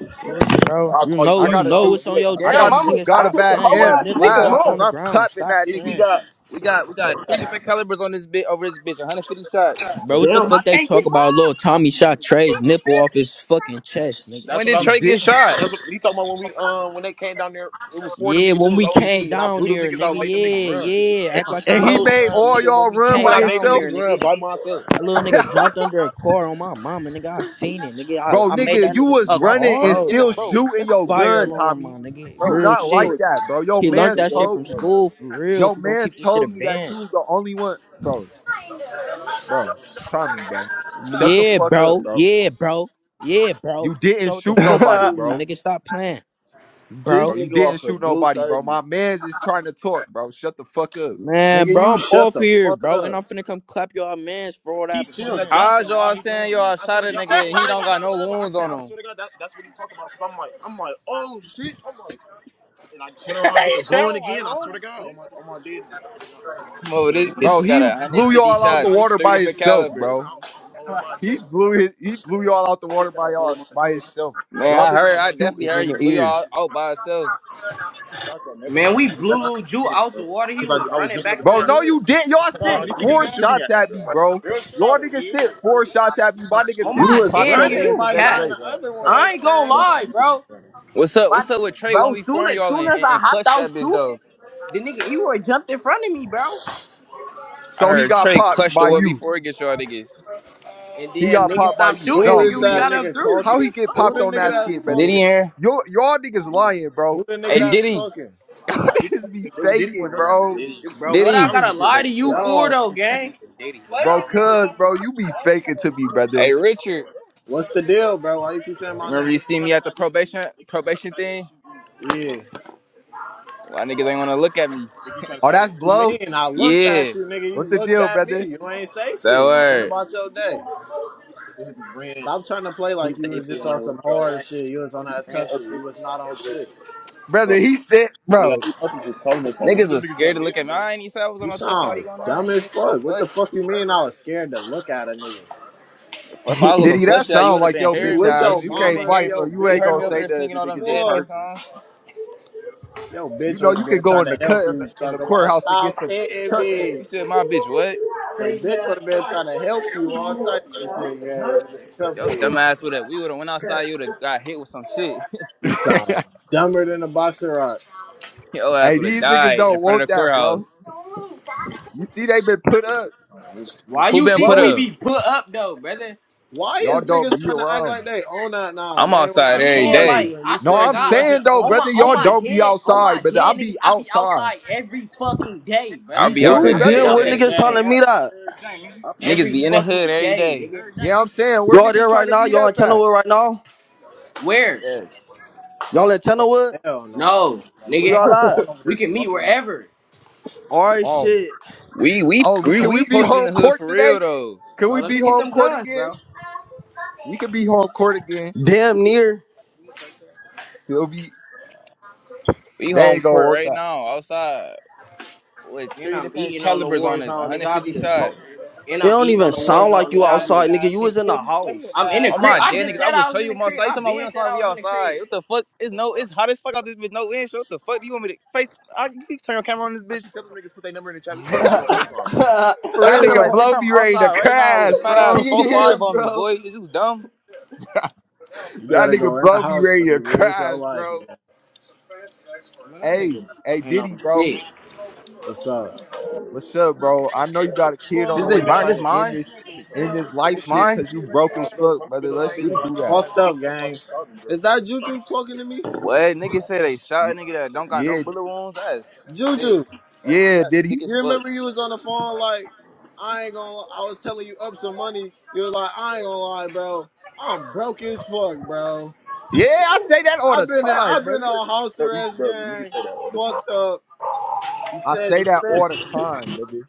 Speaker 7: Fuck, bro.
Speaker 6: I'll
Speaker 7: You
Speaker 6: call you
Speaker 7: know,
Speaker 1: I
Speaker 6: right
Speaker 7: you
Speaker 1: gotta
Speaker 7: know
Speaker 6: now,
Speaker 1: do
Speaker 6: bro.
Speaker 7: what's
Speaker 6: You
Speaker 7: on
Speaker 6: ain't
Speaker 7: your
Speaker 6: got.
Speaker 1: I
Speaker 3: Damn,
Speaker 1: gotta
Speaker 7: chest,
Speaker 3: I'm, a,
Speaker 1: do
Speaker 7: nigga.
Speaker 3: I'm
Speaker 1: gotta
Speaker 7: Stop
Speaker 3: just a
Speaker 1: back
Speaker 7: playing.
Speaker 3: whole
Speaker 7: Your
Speaker 1: and
Speaker 3: ass
Speaker 7: nipple
Speaker 3: nigga,
Speaker 1: last
Speaker 7: dropped
Speaker 3: huh?
Speaker 1: cause
Speaker 7: on the
Speaker 1: I'm
Speaker 7: ground.
Speaker 1: clapping
Speaker 7: Stop
Speaker 1: that nigga.
Speaker 7: playing.
Speaker 6: We got we got three different calibers on this bit over this bitch. 150 shots.
Speaker 7: Bro, what the
Speaker 3: Damn, I
Speaker 7: fuck they
Speaker 3: can't
Speaker 7: talk
Speaker 3: get
Speaker 7: about?
Speaker 3: mine.
Speaker 7: Little
Speaker 3: I'm
Speaker 7: Tommy
Speaker 3: the
Speaker 7: shot
Speaker 3: same
Speaker 7: Trey's nipple off
Speaker 3: shit.
Speaker 7: his fucking chest, nigga.
Speaker 6: That's When what did I'm.
Speaker 1: He
Speaker 6: Trey get
Speaker 1: didn't.
Speaker 6: shot? That's what he talking about when we um when they came down there. It was four of them
Speaker 7: Yeah,
Speaker 6: niggas. It
Speaker 7: when
Speaker 6: was
Speaker 7: we
Speaker 6: only
Speaker 7: came
Speaker 6: me, and I
Speaker 7: down
Speaker 6: blew them
Speaker 7: there,
Speaker 6: niggas
Speaker 7: nigga.
Speaker 6: out, made them niggas
Speaker 7: Yeah,
Speaker 6: run.
Speaker 7: yeah. Act like you
Speaker 1: And he
Speaker 7: know
Speaker 1: made
Speaker 7: something,
Speaker 1: all
Speaker 7: nigga.
Speaker 1: y'all
Speaker 7: When we
Speaker 1: run
Speaker 6: when
Speaker 7: came
Speaker 1: by
Speaker 6: I made
Speaker 7: down
Speaker 6: them
Speaker 1: himself.
Speaker 7: there,
Speaker 6: niggas run
Speaker 7: nigga.
Speaker 6: by myself,
Speaker 7: That little nigga dropped under a car on my mama, nigga. I seen it, nigga. I,
Speaker 1: Bro,
Speaker 7: I made
Speaker 1: nigga,
Speaker 7: that
Speaker 1: you was
Speaker 7: nigga
Speaker 6: A
Speaker 7: drop and
Speaker 1: running and
Speaker 6: car?
Speaker 7: roll,
Speaker 6: in the
Speaker 1: still
Speaker 7: my
Speaker 6: bro,
Speaker 7: nigga.
Speaker 1: shooting
Speaker 6: it's,
Speaker 1: your
Speaker 6: it be,
Speaker 7: Fire
Speaker 1: gun,
Speaker 7: alarm, my
Speaker 1: Tommy.
Speaker 7: nigga.
Speaker 1: You
Speaker 6: bro, you
Speaker 7: Real
Speaker 1: not
Speaker 6: know
Speaker 1: like
Speaker 7: shit.
Speaker 6: it's
Speaker 1: that, bro. Your
Speaker 7: He
Speaker 6: from
Speaker 7: learned
Speaker 1: man's
Speaker 6: that
Speaker 7: that shit from
Speaker 1: told me.
Speaker 7: school, for real.
Speaker 1: Your
Speaker 7: If we gonna
Speaker 1: man's
Speaker 7: keep this shit a
Speaker 1: told me that you
Speaker 7: band.
Speaker 1: was the only one. Bro, bro, Tommy, bro. Shut the
Speaker 7: Yeah,
Speaker 1: fuck up,
Speaker 7: bro.
Speaker 1: bro.
Speaker 7: Yeah, bro. Yeah, bro.
Speaker 1: You
Speaker 7: You
Speaker 1: didn't
Speaker 7: know what the
Speaker 1: shoot
Speaker 7: fuck's up
Speaker 1: nobody,
Speaker 7: with me,
Speaker 1: bro.
Speaker 7: nigga? Stop playing,
Speaker 4: this
Speaker 1: Bro,
Speaker 7: bro.
Speaker 1: you
Speaker 4: nigga
Speaker 1: didn't
Speaker 4: off a
Speaker 1: shoot
Speaker 4: blue
Speaker 1: nobody, bro.
Speaker 4: 30.
Speaker 1: My man's is trying to talk, bro. Shut the fuck up.
Speaker 5: Nigga,
Speaker 7: Man, bro,
Speaker 5: you
Speaker 7: I'm
Speaker 5: shut
Speaker 7: off
Speaker 5: the
Speaker 7: here,
Speaker 5: fuck
Speaker 7: bro. And
Speaker 5: up.
Speaker 7: I'm finna come clap y'all mans for all that
Speaker 6: drop
Speaker 7: playing.
Speaker 6: How's him while y'all he saying that. y'all I shot swear to a God, nigga I and he I don't swear got no bro, I wounds swear, on can't. I him? swear to God, that's, that's what he talking about. Cause I'm like, I'm like, oh shit, I'm like. And I turn around and blowing again. I swear to God. like, Come over, this bitch
Speaker 1: Bro,
Speaker 6: got a
Speaker 1: he
Speaker 6: one hundred
Speaker 1: blew
Speaker 6: fifty
Speaker 1: y'all out the
Speaker 6: shots,
Speaker 1: water
Speaker 6: three
Speaker 1: by
Speaker 6: different
Speaker 1: himself,
Speaker 6: calibers.
Speaker 1: bro. He blew his, he blew y'all out the water by y'all by himself.
Speaker 6: Man, I
Speaker 1: Y'all niggas
Speaker 6: heard. i
Speaker 1: was
Speaker 6: definitely
Speaker 1: shooting
Speaker 6: heard
Speaker 1: in
Speaker 6: he
Speaker 1: the
Speaker 6: blew
Speaker 1: air.
Speaker 6: y'all out by himself.
Speaker 3: Man, we blew Lil Ju out the water. He was running back to
Speaker 1: Bro,
Speaker 3: the
Speaker 1: no, you
Speaker 3: hood.
Speaker 1: didn't. Y'all sent four shots at me, bro. Y'all niggas sent four shots at me. My nigga
Speaker 3: Oh
Speaker 5: "You
Speaker 1: Tilu
Speaker 3: my
Speaker 5: was
Speaker 1: popped
Speaker 3: dead
Speaker 1: your
Speaker 3: niggas,
Speaker 1: man
Speaker 5: running
Speaker 3: you
Speaker 1: the
Speaker 5: by the
Speaker 1: next
Speaker 3: cat.
Speaker 5: time
Speaker 1: day.
Speaker 5: the other
Speaker 3: I
Speaker 5: ones
Speaker 3: ain't gonna
Speaker 5: came."
Speaker 3: lie, bro.
Speaker 6: What's up?
Speaker 3: My
Speaker 6: What's up with Trey? One
Speaker 3: bro, soon
Speaker 6: before
Speaker 3: as
Speaker 6: y'all
Speaker 3: soon
Speaker 6: and,
Speaker 3: as
Speaker 6: and,
Speaker 3: I
Speaker 6: and
Speaker 3: hopped
Speaker 6: clutch
Speaker 3: out
Speaker 6: that bitch
Speaker 3: shooting,
Speaker 6: though.
Speaker 3: the nigga Eroy jumped in front of me, bro.
Speaker 6: I
Speaker 1: So he
Speaker 6: heard
Speaker 1: got
Speaker 6: Trey
Speaker 1: popped
Speaker 6: clutch the
Speaker 1: by
Speaker 6: one
Speaker 1: you.
Speaker 6: before he gets y'all niggas.
Speaker 3: And
Speaker 1: He
Speaker 3: then
Speaker 1: got
Speaker 3: nigga
Speaker 1: popped by
Speaker 3: stopped
Speaker 1: you.
Speaker 3: shooting,
Speaker 5: Who
Speaker 1: No,
Speaker 5: is
Speaker 3: nigga. We
Speaker 5: that
Speaker 1: nigga.
Speaker 3: got him
Speaker 5: nigga
Speaker 3: through,
Speaker 1: How
Speaker 5: talking?
Speaker 1: he
Speaker 3: nigga.
Speaker 1: get
Speaker 5: Who
Speaker 1: popped
Speaker 5: the
Speaker 3: Fuck.
Speaker 1: on
Speaker 5: nigga
Speaker 1: that
Speaker 5: that's
Speaker 1: skit,
Speaker 6: Diddy
Speaker 1: brother?
Speaker 5: talking?
Speaker 6: here.
Speaker 1: Y'all, y'all niggas lying,
Speaker 5: Who
Speaker 1: bro.
Speaker 5: the nigga
Speaker 6: Hey
Speaker 1: He
Speaker 5: that's
Speaker 6: Diddy,
Speaker 5: talking?
Speaker 1: y'all niggas be faking, bro.
Speaker 3: Bro, what
Speaker 6: Diddy.
Speaker 3: I gotta lie to you for
Speaker 5: Yo,
Speaker 3: though, gang?
Speaker 1: Bro, cuz, bro, you be faking to me, brother.
Speaker 6: Hey Richard.
Speaker 5: what's the deal, bro? Why you keep saying my name?
Speaker 6: Remember you see me at the probation probation thing?
Speaker 5: Yeah.
Speaker 6: Why niggas ain't wanna look at me?
Speaker 1: Oh, that's
Speaker 5: What you
Speaker 1: blow.
Speaker 5: mean? I looked
Speaker 6: Yeah,
Speaker 5: at you, nigga. You
Speaker 1: What's the
Speaker 5: looked
Speaker 1: deal,
Speaker 5: at me.
Speaker 1: brother?
Speaker 5: You ain't say
Speaker 6: that
Speaker 5: shit. You went
Speaker 6: word.
Speaker 5: about your day. Stop trying to play like you was just on some hard shit. You was on that tough shit. You was not on shit.
Speaker 1: Brother, he said, bro.
Speaker 6: Niggas was scared to look at me. I ain't even say I was on
Speaker 5: You
Speaker 6: no touchdown. You
Speaker 5: sound
Speaker 6: going
Speaker 5: dumb
Speaker 6: on that?
Speaker 5: as
Speaker 6: Nigga, the
Speaker 5: fuck. What
Speaker 6: fuck?
Speaker 5: the fuck you mean I was scared to look at a nigga?
Speaker 6: Well, if I was
Speaker 1: Did
Speaker 6: gonna
Speaker 1: he? That
Speaker 6: touch that, you
Speaker 1: sound
Speaker 6: would have
Speaker 1: like
Speaker 6: been
Speaker 1: yo
Speaker 5: You
Speaker 6: hearing
Speaker 1: bitch
Speaker 6: me,
Speaker 5: with
Speaker 1: ass.
Speaker 5: your
Speaker 6: bitch.
Speaker 1: You
Speaker 6: You would have
Speaker 1: can't
Speaker 6: been
Speaker 5: mama and
Speaker 1: fight,
Speaker 6: hearing
Speaker 1: so
Speaker 6: me.
Speaker 5: your
Speaker 1: you
Speaker 6: You
Speaker 1: ain't
Speaker 5: bitch.
Speaker 6: heard
Speaker 5: I
Speaker 1: gonna
Speaker 6: me
Speaker 5: would
Speaker 6: over
Speaker 1: say
Speaker 6: there
Speaker 5: have,
Speaker 6: singing
Speaker 1: nothing
Speaker 6: all
Speaker 1: to
Speaker 6: them
Speaker 1: niggas in
Speaker 6: dead
Speaker 5: boy,
Speaker 6: nigga
Speaker 1: person.
Speaker 6: songs.
Speaker 5: your
Speaker 1: You
Speaker 5: bitch
Speaker 1: know
Speaker 5: would have
Speaker 1: you can
Speaker 5: been
Speaker 1: go
Speaker 5: trying
Speaker 1: in the
Speaker 5: to
Speaker 1: cut
Speaker 5: help
Speaker 1: in the,
Speaker 5: you
Speaker 1: in the
Speaker 5: talk about
Speaker 1: courthouse and get
Speaker 5: stop
Speaker 1: some
Speaker 5: hitting
Speaker 1: chuck in.
Speaker 5: me.
Speaker 6: You said my bitch, what?
Speaker 5: Your bitch would have been trying to help you all types of shit. Yeah, it would have been tough
Speaker 6: Yo,
Speaker 5: for you.
Speaker 6: dumbass would have. We would have went outside. You would have got hit with some shit.
Speaker 5: You sound dumber than a boxer rock.
Speaker 6: Yo, ass
Speaker 1: hey,
Speaker 6: would have
Speaker 1: these niggas
Speaker 6: died in
Speaker 1: don't
Speaker 6: front
Speaker 1: want
Speaker 6: of the
Speaker 1: that,
Speaker 6: courthouse.
Speaker 1: blow. You see, they been put up.
Speaker 3: Why
Speaker 6: Who
Speaker 3: you
Speaker 6: been
Speaker 3: think
Speaker 5: Bro,
Speaker 6: put
Speaker 3: we
Speaker 6: up?
Speaker 3: be put up though, brother?
Speaker 5: why
Speaker 1: Y'all
Speaker 5: is
Speaker 1: don't
Speaker 5: niggas
Speaker 1: be
Speaker 5: trying to act
Speaker 1: around.
Speaker 5: like they own that now,
Speaker 6: I'm
Speaker 5: gang? When
Speaker 6: outside
Speaker 5: I
Speaker 6: every
Speaker 3: Yeah,
Speaker 5: called
Speaker 6: day.
Speaker 5: you
Speaker 3: like
Speaker 5: and
Speaker 3: I
Speaker 5: you
Speaker 1: No,
Speaker 3: swear to
Speaker 5: said
Speaker 1: I'm
Speaker 5: you
Speaker 3: God, o-
Speaker 5: wasn't
Speaker 1: saying though,
Speaker 5: on
Speaker 3: on my
Speaker 1: brother,
Speaker 3: on
Speaker 1: y'all
Speaker 3: my
Speaker 5: shit
Speaker 1: don't be
Speaker 3: dead on
Speaker 1: outside,
Speaker 3: my
Speaker 1: brother. I
Speaker 3: dead
Speaker 1: be
Speaker 3: niggas, I be
Speaker 1: outside.
Speaker 3: outside every fucking day,
Speaker 6: I'll
Speaker 3: brother.
Speaker 1: Me
Speaker 6: be
Speaker 4: What's
Speaker 6: out
Speaker 1: too,
Speaker 4: the
Speaker 6: here
Speaker 3: I
Speaker 5: every
Speaker 1: brother.
Speaker 6: every
Speaker 4: deal?
Speaker 3: cannot
Speaker 4: Where
Speaker 5: fucking
Speaker 3: make
Speaker 6: day.
Speaker 4: niggas
Speaker 3: this
Speaker 4: trying
Speaker 3: shit
Speaker 4: to
Speaker 5: day.
Speaker 4: meet
Speaker 3: up.
Speaker 4: at?
Speaker 6: Niggas
Speaker 3: Every
Speaker 6: be in the hood
Speaker 3: fucking
Speaker 6: every
Speaker 3: day,
Speaker 6: day.
Speaker 3: nigga.
Speaker 1: Yeah, I'm saying where
Speaker 4: Y'all
Speaker 1: niggas
Speaker 4: there right
Speaker 1: trying to
Speaker 4: now?
Speaker 1: meet
Speaker 4: Y'all
Speaker 1: up
Speaker 4: in
Speaker 1: at.
Speaker 4: Channelwood right now?
Speaker 3: Where?
Speaker 4: Y'all
Speaker 5: And
Speaker 4: in
Speaker 5: Hell
Speaker 4: Channelwood?
Speaker 5: hell no.
Speaker 3: No,
Speaker 4: Where
Speaker 3: nigga.
Speaker 4: y'all at?
Speaker 3: We can meet wherever,
Speaker 4: Alright
Speaker 1: Oh,
Speaker 4: shit.
Speaker 6: We we
Speaker 1: oh,
Speaker 6: we
Speaker 1: can we
Speaker 6: we
Speaker 1: be
Speaker 6: posted in
Speaker 1: home
Speaker 6: the hood
Speaker 1: court
Speaker 6: for
Speaker 1: today?
Speaker 6: real though.
Speaker 1: Can
Speaker 3: bro.
Speaker 1: we
Speaker 3: Let
Speaker 1: be
Speaker 3: me get
Speaker 1: home
Speaker 3: them
Speaker 1: court
Speaker 3: guns,
Speaker 1: again?
Speaker 3: bro.
Speaker 1: We can be home court again. We
Speaker 4: Damn
Speaker 1: can
Speaker 4: near.
Speaker 1: still be.
Speaker 6: We
Speaker 1: They
Speaker 6: home
Speaker 1: ain't gonna
Speaker 6: court
Speaker 1: want
Speaker 6: right
Speaker 1: that.
Speaker 6: now, outside with
Speaker 3: And
Speaker 6: three
Speaker 3: I'm
Speaker 6: different
Speaker 3: eating on the
Speaker 6: calibers
Speaker 3: war
Speaker 6: on us,
Speaker 3: zone, nigga. I
Speaker 6: 150
Speaker 3: be the smoker.
Speaker 6: shots.
Speaker 3: And
Speaker 4: It
Speaker 3: I'm
Speaker 4: don't
Speaker 3: eating
Speaker 4: even
Speaker 3: on the war
Speaker 4: sound
Speaker 3: zone,
Speaker 4: like you
Speaker 3: nigga. I be the.
Speaker 4: outside, nigga. You was in the house.
Speaker 3: I'm in the crib. I
Speaker 6: Yeah,
Speaker 3: just
Speaker 6: niggas, I
Speaker 3: said
Speaker 6: would
Speaker 3: I
Speaker 6: show
Speaker 3: was in
Speaker 6: you
Speaker 3: the
Speaker 6: my
Speaker 3: crib.
Speaker 6: side. You
Speaker 3: I
Speaker 6: talking about we
Speaker 3: been
Speaker 6: on
Speaker 3: said
Speaker 6: slime,
Speaker 3: I
Speaker 6: we
Speaker 3: was in the
Speaker 6: outside.
Speaker 3: crib.
Speaker 6: What the fuck? It's no, it's hot as fuck out this bitch. No wind. So what the fuck do you want me to face? I you can turn your camera on this bitch for
Speaker 1: That
Speaker 6: real.
Speaker 1: nigga
Speaker 6: Like, bitch,
Speaker 1: blow
Speaker 6: I'm
Speaker 1: be ready to
Speaker 6: outside right now with a
Speaker 1: crash,
Speaker 6: fat ass
Speaker 1: bro.
Speaker 6: four
Speaker 4: yeah,
Speaker 6: five on me,
Speaker 4: bro.
Speaker 6: boy. Is you dumb?
Speaker 5: You
Speaker 1: That
Speaker 5: better
Speaker 1: nigga
Speaker 5: go in the
Speaker 1: blow be
Speaker 5: house for
Speaker 1: ready to
Speaker 5: you. Where's your
Speaker 1: crash,
Speaker 5: life,
Speaker 1: bro.
Speaker 5: man?
Speaker 3: Man, that
Speaker 1: Hey,
Speaker 3: nigga,
Speaker 1: hey,
Speaker 3: you know,
Speaker 1: Diddy, bro.
Speaker 3: shit.
Speaker 5: What's up?
Speaker 1: What's up, bro? I know you got a kid on
Speaker 6: This
Speaker 1: the way.
Speaker 6: bitch
Speaker 1: You
Speaker 6: mine.
Speaker 1: trying
Speaker 6: This
Speaker 1: to end
Speaker 6: mine.
Speaker 1: this, end this life
Speaker 6: This
Speaker 1: shit
Speaker 6: mine.
Speaker 1: because you broke as fuck, brother. Let's
Speaker 5: You
Speaker 1: just do that.
Speaker 5: fucked up, gang. Is that Juju talking to me?
Speaker 6: What? Niggas say they shot a
Speaker 1: Y-
Speaker 6: nigga that don't got no
Speaker 1: Yeah,
Speaker 6: bullet wounds. That's sick.
Speaker 5: Juju,
Speaker 1: yeah,
Speaker 6: That's
Speaker 1: Diddy.
Speaker 6: sick as
Speaker 5: you
Speaker 6: fuck.
Speaker 5: remember you was on the phone like, I ain't gonna. I was telling you up some money. You was like, I ain't gonna lie, bro. I'm broke as fuck, bro.
Speaker 1: Yeah, I say that all
Speaker 5: I've
Speaker 1: the
Speaker 5: been in,
Speaker 1: time,
Speaker 5: I've been
Speaker 1: brother.
Speaker 5: on house arrest, gang. Fucked up. You
Speaker 1: I
Speaker 5: said
Speaker 1: say
Speaker 5: you
Speaker 1: that
Speaker 5: spent.
Speaker 1: all the time, brother.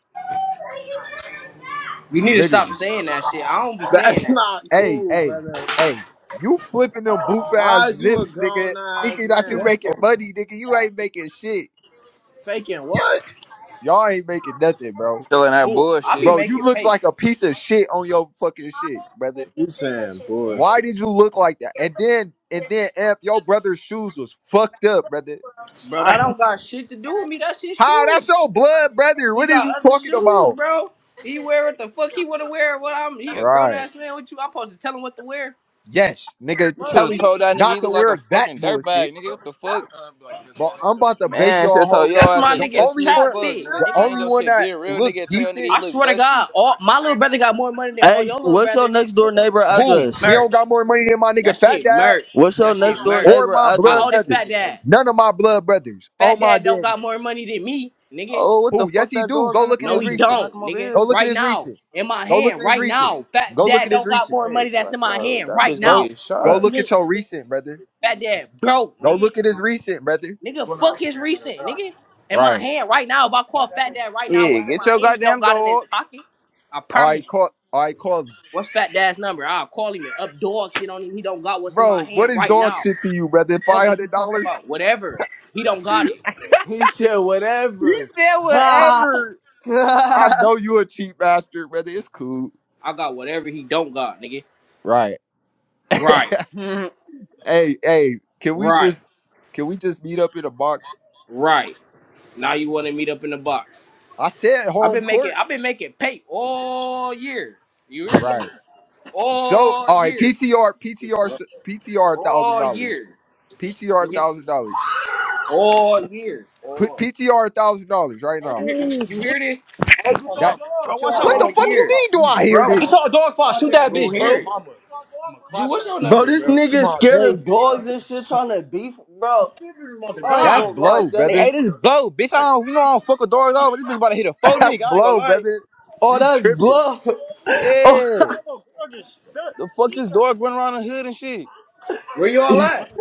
Speaker 3: You need to
Speaker 1: Literally.
Speaker 3: stop saying that shit. I don't be saying
Speaker 5: That's
Speaker 3: that.
Speaker 5: not
Speaker 1: hey,
Speaker 5: cool,
Speaker 1: hey,
Speaker 5: brother.
Speaker 1: hey, you flipping them boof ass
Speaker 5: Why is you a
Speaker 1: zips, nigga.
Speaker 5: grown ass
Speaker 1: Thinking that you
Speaker 5: man
Speaker 1: making money, nigga. You ain't making shit.
Speaker 5: faking what?
Speaker 1: Y'all ain't making nothing, bro.
Speaker 6: Selling that
Speaker 3: Who? I be
Speaker 6: bullshit.
Speaker 1: Bro, you
Speaker 3: making
Speaker 1: look
Speaker 3: pay,
Speaker 1: like a piece of shit on your fucking shit, brother.
Speaker 5: You saying
Speaker 1: Why
Speaker 5: bullshit.
Speaker 1: did you look like that? And then, and then, Amp, your brother's shoes was fucked up, brother.
Speaker 3: bro. That
Speaker 1: I,
Speaker 3: don't got shit to do with me. That's his
Speaker 1: how?
Speaker 3: shoes.
Speaker 1: That's your blood, brother.
Speaker 3: He
Speaker 1: What is you
Speaker 3: got other
Speaker 1: talking
Speaker 3: shoes,
Speaker 1: about?
Speaker 3: bro. He wear what the fuck he wanna wear. What I'm he a grown
Speaker 1: Right.
Speaker 3: ass man with you. I'm supposed to tell him what to wear.
Speaker 1: Yes, nigga.
Speaker 6: You should
Speaker 3: Fuck
Speaker 1: Tell
Speaker 6: have
Speaker 1: him
Speaker 6: told
Speaker 3: nigga?
Speaker 6: that nigga
Speaker 1: not
Speaker 6: he look
Speaker 1: to
Speaker 6: like a
Speaker 1: wear that
Speaker 6: fucking
Speaker 1: bullshit.
Speaker 6: dirtbag, nigga. What the fuck?
Speaker 1: bro. I'm about to bake
Speaker 6: Man, should
Speaker 1: y'all
Speaker 6: have
Speaker 1: whole
Speaker 6: told
Speaker 1: game.
Speaker 6: your
Speaker 3: That's
Speaker 6: ass
Speaker 3: my
Speaker 1: The
Speaker 6: look
Speaker 3: nigga's
Speaker 1: only
Speaker 6: dusty as
Speaker 3: trap
Speaker 1: one,
Speaker 6: fuck,
Speaker 3: fit,
Speaker 6: nigga.
Speaker 1: the
Speaker 3: nigga.
Speaker 6: Change
Speaker 1: only
Speaker 6: your
Speaker 1: one
Speaker 6: shit. Be
Speaker 1: that
Speaker 6: a real
Speaker 1: looked
Speaker 6: nigga. and Tell your nigga
Speaker 1: decent,
Speaker 6: he
Speaker 3: I
Speaker 6: look
Speaker 3: swear to
Speaker 6: dusty.
Speaker 3: God, all my little brother got more money than all your
Speaker 4: Hey,
Speaker 3: little
Speaker 4: what's your
Speaker 3: brothers.
Speaker 4: next door neighbor
Speaker 3: That shit
Speaker 1: who
Speaker 4: address?
Speaker 1: he don't
Speaker 3: merch.
Speaker 1: got more money than my nigga
Speaker 3: That
Speaker 1: Fat
Speaker 3: shit
Speaker 1: Dad
Speaker 3: merch.
Speaker 4: What's your
Speaker 3: That shit
Speaker 4: next door
Speaker 3: merch.
Speaker 1: or
Speaker 4: neighbor
Speaker 1: my
Speaker 3: How
Speaker 1: blood
Speaker 4: address?
Speaker 3: old is
Speaker 1: brothers.
Speaker 3: Fat Dad?
Speaker 1: None of my blood brothers on
Speaker 3: Fat
Speaker 1: my
Speaker 3: Dad don't
Speaker 1: dead. nigga.
Speaker 3: got more money than me, nigga.
Speaker 6: Oh, what the
Speaker 1: Who? Yes,
Speaker 6: fuck
Speaker 1: he
Speaker 6: that
Speaker 1: do.
Speaker 6: dog
Speaker 1: Go
Speaker 6: running
Speaker 1: look at
Speaker 6: for
Speaker 3: No,
Speaker 1: his
Speaker 6: that
Speaker 3: he
Speaker 6: bitch? Can
Speaker 1: recent.
Speaker 6: I
Speaker 3: don't,
Speaker 6: come over
Speaker 3: nigga.
Speaker 1: Go
Speaker 6: here?
Speaker 1: look at
Speaker 3: Right
Speaker 1: his
Speaker 3: now,
Speaker 1: recent.
Speaker 3: in my
Speaker 1: Go look
Speaker 3: hand,
Speaker 1: at his
Speaker 3: right
Speaker 1: recent.
Speaker 3: now. Fat
Speaker 1: Go look
Speaker 3: dad
Speaker 1: at his
Speaker 3: don't got
Speaker 1: recent.
Speaker 3: more
Speaker 6: Hey,
Speaker 3: money that's
Speaker 6: watch
Speaker 3: in my
Speaker 6: out.
Speaker 3: hand
Speaker 6: That
Speaker 3: right
Speaker 6: bitch gonna
Speaker 1: Go
Speaker 3: now.
Speaker 6: get
Speaker 3: Oh
Speaker 1: go
Speaker 6: shot.
Speaker 1: look at
Speaker 3: slick,
Speaker 1: your
Speaker 3: nigga.
Speaker 1: recent, brother.
Speaker 3: Fat dad broke,
Speaker 1: Go
Speaker 3: nigga.
Speaker 1: look at his recent, brother.
Speaker 3: Nigga, fuck his recent, nigga. In my
Speaker 1: Right.
Speaker 3: hand right now. If I call Fat Dad right now,
Speaker 6: Yeah,
Speaker 3: what's in
Speaker 6: get
Speaker 3: my
Speaker 6: your
Speaker 3: hand? He don't
Speaker 6: goddamn
Speaker 3: got in his
Speaker 6: dog.
Speaker 3: pocket. I
Speaker 1: All right,
Speaker 3: promise. you.
Speaker 1: call. All right, call. me.
Speaker 3: What's Fat Dad's number? I'll call him and up dog shit on him. He don't got what's in my
Speaker 1: Bro, what
Speaker 3: hand
Speaker 1: is
Speaker 3: right
Speaker 1: dog
Speaker 3: now.
Speaker 1: shit to you, brother? Five
Speaker 3: Fuck is
Speaker 1: hundred
Speaker 3: you talk
Speaker 1: dollars.
Speaker 3: about? Whatever. He don't got it.
Speaker 4: He said
Speaker 1: He
Speaker 4: whatever.
Speaker 1: said
Speaker 4: Ha!
Speaker 1: whatever. I know you a cheap bastard, brother. It's cool.
Speaker 3: I got whatever he don't got, nigga.
Speaker 1: Right.
Speaker 3: Right.
Speaker 4: bro,
Speaker 1: hey, hey, can we
Speaker 3: Right.
Speaker 1: just can we just meet up in a box?
Speaker 3: Right. Now you want to meet up in the box.
Speaker 1: I said
Speaker 3: I've
Speaker 1: home
Speaker 3: been making
Speaker 1: court.
Speaker 3: I've been making pay all year. You hear me?
Speaker 1: Right. So
Speaker 3: All
Speaker 1: all right,
Speaker 3: year.
Speaker 1: PTR, PTR, s- PTR thousand
Speaker 3: All
Speaker 1: dollars.
Speaker 3: year.
Speaker 1: PTR
Speaker 3: Nigga.
Speaker 1: thousand dollars.
Speaker 3: All year.
Speaker 1: Put PTR thousand dollars right
Speaker 3: You
Speaker 1: now.
Speaker 3: hear you hear this?
Speaker 1: That what the
Speaker 3: All
Speaker 1: fuck you
Speaker 3: year.
Speaker 1: mean do
Speaker 3: You
Speaker 1: I hear
Speaker 3: broke.
Speaker 1: this?
Speaker 3: You don't hear it. Ju, what's your number,
Speaker 4: this
Speaker 3: bro?
Speaker 4: nigga scared
Speaker 3: FaceTime
Speaker 4: of
Speaker 3: you, bro.
Speaker 4: dogs and shit trying to beef. Bro, I ain't
Speaker 1: That's
Speaker 4: gonna lie,
Speaker 1: blow,
Speaker 6: Hey,
Speaker 4: gang.
Speaker 1: brother.
Speaker 6: hey this blow, bitch. I don't, you know I don't fuck with dogs all, but this bitch about to hit a faux
Speaker 1: That's
Speaker 6: nigga. I ain't gonna
Speaker 1: blow,
Speaker 6: lie.
Speaker 1: brother.
Speaker 4: Oh,
Speaker 1: You
Speaker 4: that's
Speaker 1: tripping.
Speaker 4: blood. Oh,
Speaker 6: Yeah. The fuck this dog running around the hood and shit.
Speaker 3: Where y'all at?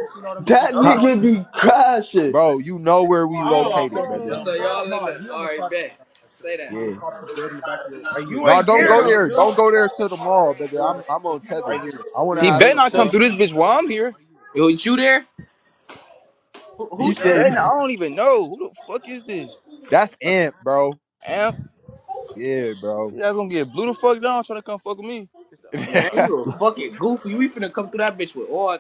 Speaker 4: that
Speaker 6: Huh.
Speaker 4: nigga be crashing.
Speaker 1: Bro, you know where we located,
Speaker 3: Oh,
Speaker 1: brother.
Speaker 3: so y'all in the all right bet. Say that.
Speaker 1: Yeah.
Speaker 3: You
Speaker 1: No,
Speaker 3: ain't
Speaker 1: don't
Speaker 3: there
Speaker 1: go
Speaker 3: though,
Speaker 1: there.
Speaker 3: Ju.
Speaker 1: Don't go there till tomorrow, baby. I'm I'm on tether. I want to
Speaker 6: He
Speaker 1: have
Speaker 3: So
Speaker 6: better
Speaker 1: some
Speaker 6: not
Speaker 3: so
Speaker 6: come
Speaker 1: fun.
Speaker 6: through this bitch while I'm here.
Speaker 3: you you there? Who, who
Speaker 1: He
Speaker 3: said
Speaker 1: said
Speaker 6: Better
Speaker 1: you.
Speaker 3: that?
Speaker 6: not, I don't even know. Who the fuck is this?
Speaker 1: That's Amp, bro.
Speaker 6: Amp.
Speaker 1: Yeah, bro.
Speaker 6: You guys gonna get blew the fuck down trying to come fuck with me.
Speaker 1: yeah,
Speaker 3: Man, you a fucking goofy. We finna come through that bitch with all.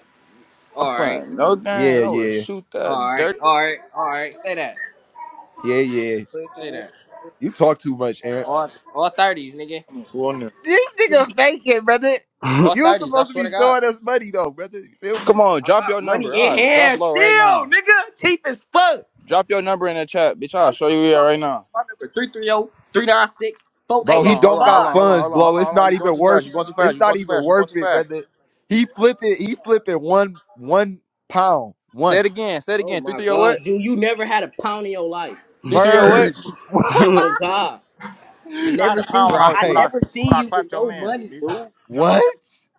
Speaker 6: I'm
Speaker 3: All right.
Speaker 6: playing no games. I would
Speaker 1: yeah,
Speaker 6: shoot that
Speaker 3: All right,
Speaker 6: dirty.
Speaker 3: all right, all right. Say that.
Speaker 1: yeah, yeah.
Speaker 3: Say that.
Speaker 1: You talk too much, Amp.
Speaker 3: All all thirties, nigga.
Speaker 1: This nigga faking, brother.
Speaker 3: All
Speaker 1: You was
Speaker 3: thirties. I
Speaker 1: supposed to
Speaker 3: swear
Speaker 1: be
Speaker 3: to God.
Speaker 1: showing us money though, brother. You feel me,
Speaker 6: Come on,
Speaker 3: I
Speaker 6: drop your
Speaker 3: got money
Speaker 6: number.
Speaker 3: in
Speaker 6: I'll drop
Speaker 3: hand
Speaker 6: low right
Speaker 3: still,
Speaker 6: now.
Speaker 3: nigga. Cheap as fuck.
Speaker 6: Drop your number in the chat, bitch. I'll
Speaker 3: What
Speaker 6: show you
Speaker 3: you
Speaker 6: where you at
Speaker 3: talking
Speaker 6: right
Speaker 3: about?
Speaker 6: now.
Speaker 3: My number three three zero three nine six four eight
Speaker 1: bro?
Speaker 6: Hold
Speaker 1: He
Speaker 3: eight
Speaker 6: on, hold
Speaker 1: don't
Speaker 6: on, hold
Speaker 1: got
Speaker 3: five,
Speaker 6: on, hold on,
Speaker 3: nigga.
Speaker 1: funds,
Speaker 6: hold on,
Speaker 1: bro.
Speaker 6: hold on,
Speaker 1: It's
Speaker 6: hold on.
Speaker 1: not
Speaker 6: You going
Speaker 1: even
Speaker 6: too fast.
Speaker 1: worth.
Speaker 6: You going too fast.
Speaker 1: It's
Speaker 6: You
Speaker 1: not
Speaker 6: going too
Speaker 1: even
Speaker 6: fast. You going
Speaker 1: worth
Speaker 6: too
Speaker 1: it,
Speaker 6: fast.
Speaker 1: brother. He flipping. He flipping one one pound
Speaker 6: Say
Speaker 1: one
Speaker 6: it again. Say it
Speaker 3: Oh
Speaker 6: again. Three
Speaker 3: my
Speaker 6: three oh what?
Speaker 3: God, dude, you never had a pound in your life.
Speaker 6: Three three oh what?
Speaker 1: merge.
Speaker 3: Oh God, I never see. I
Speaker 1: right.
Speaker 3: never seen you with no money, dude.
Speaker 1: What?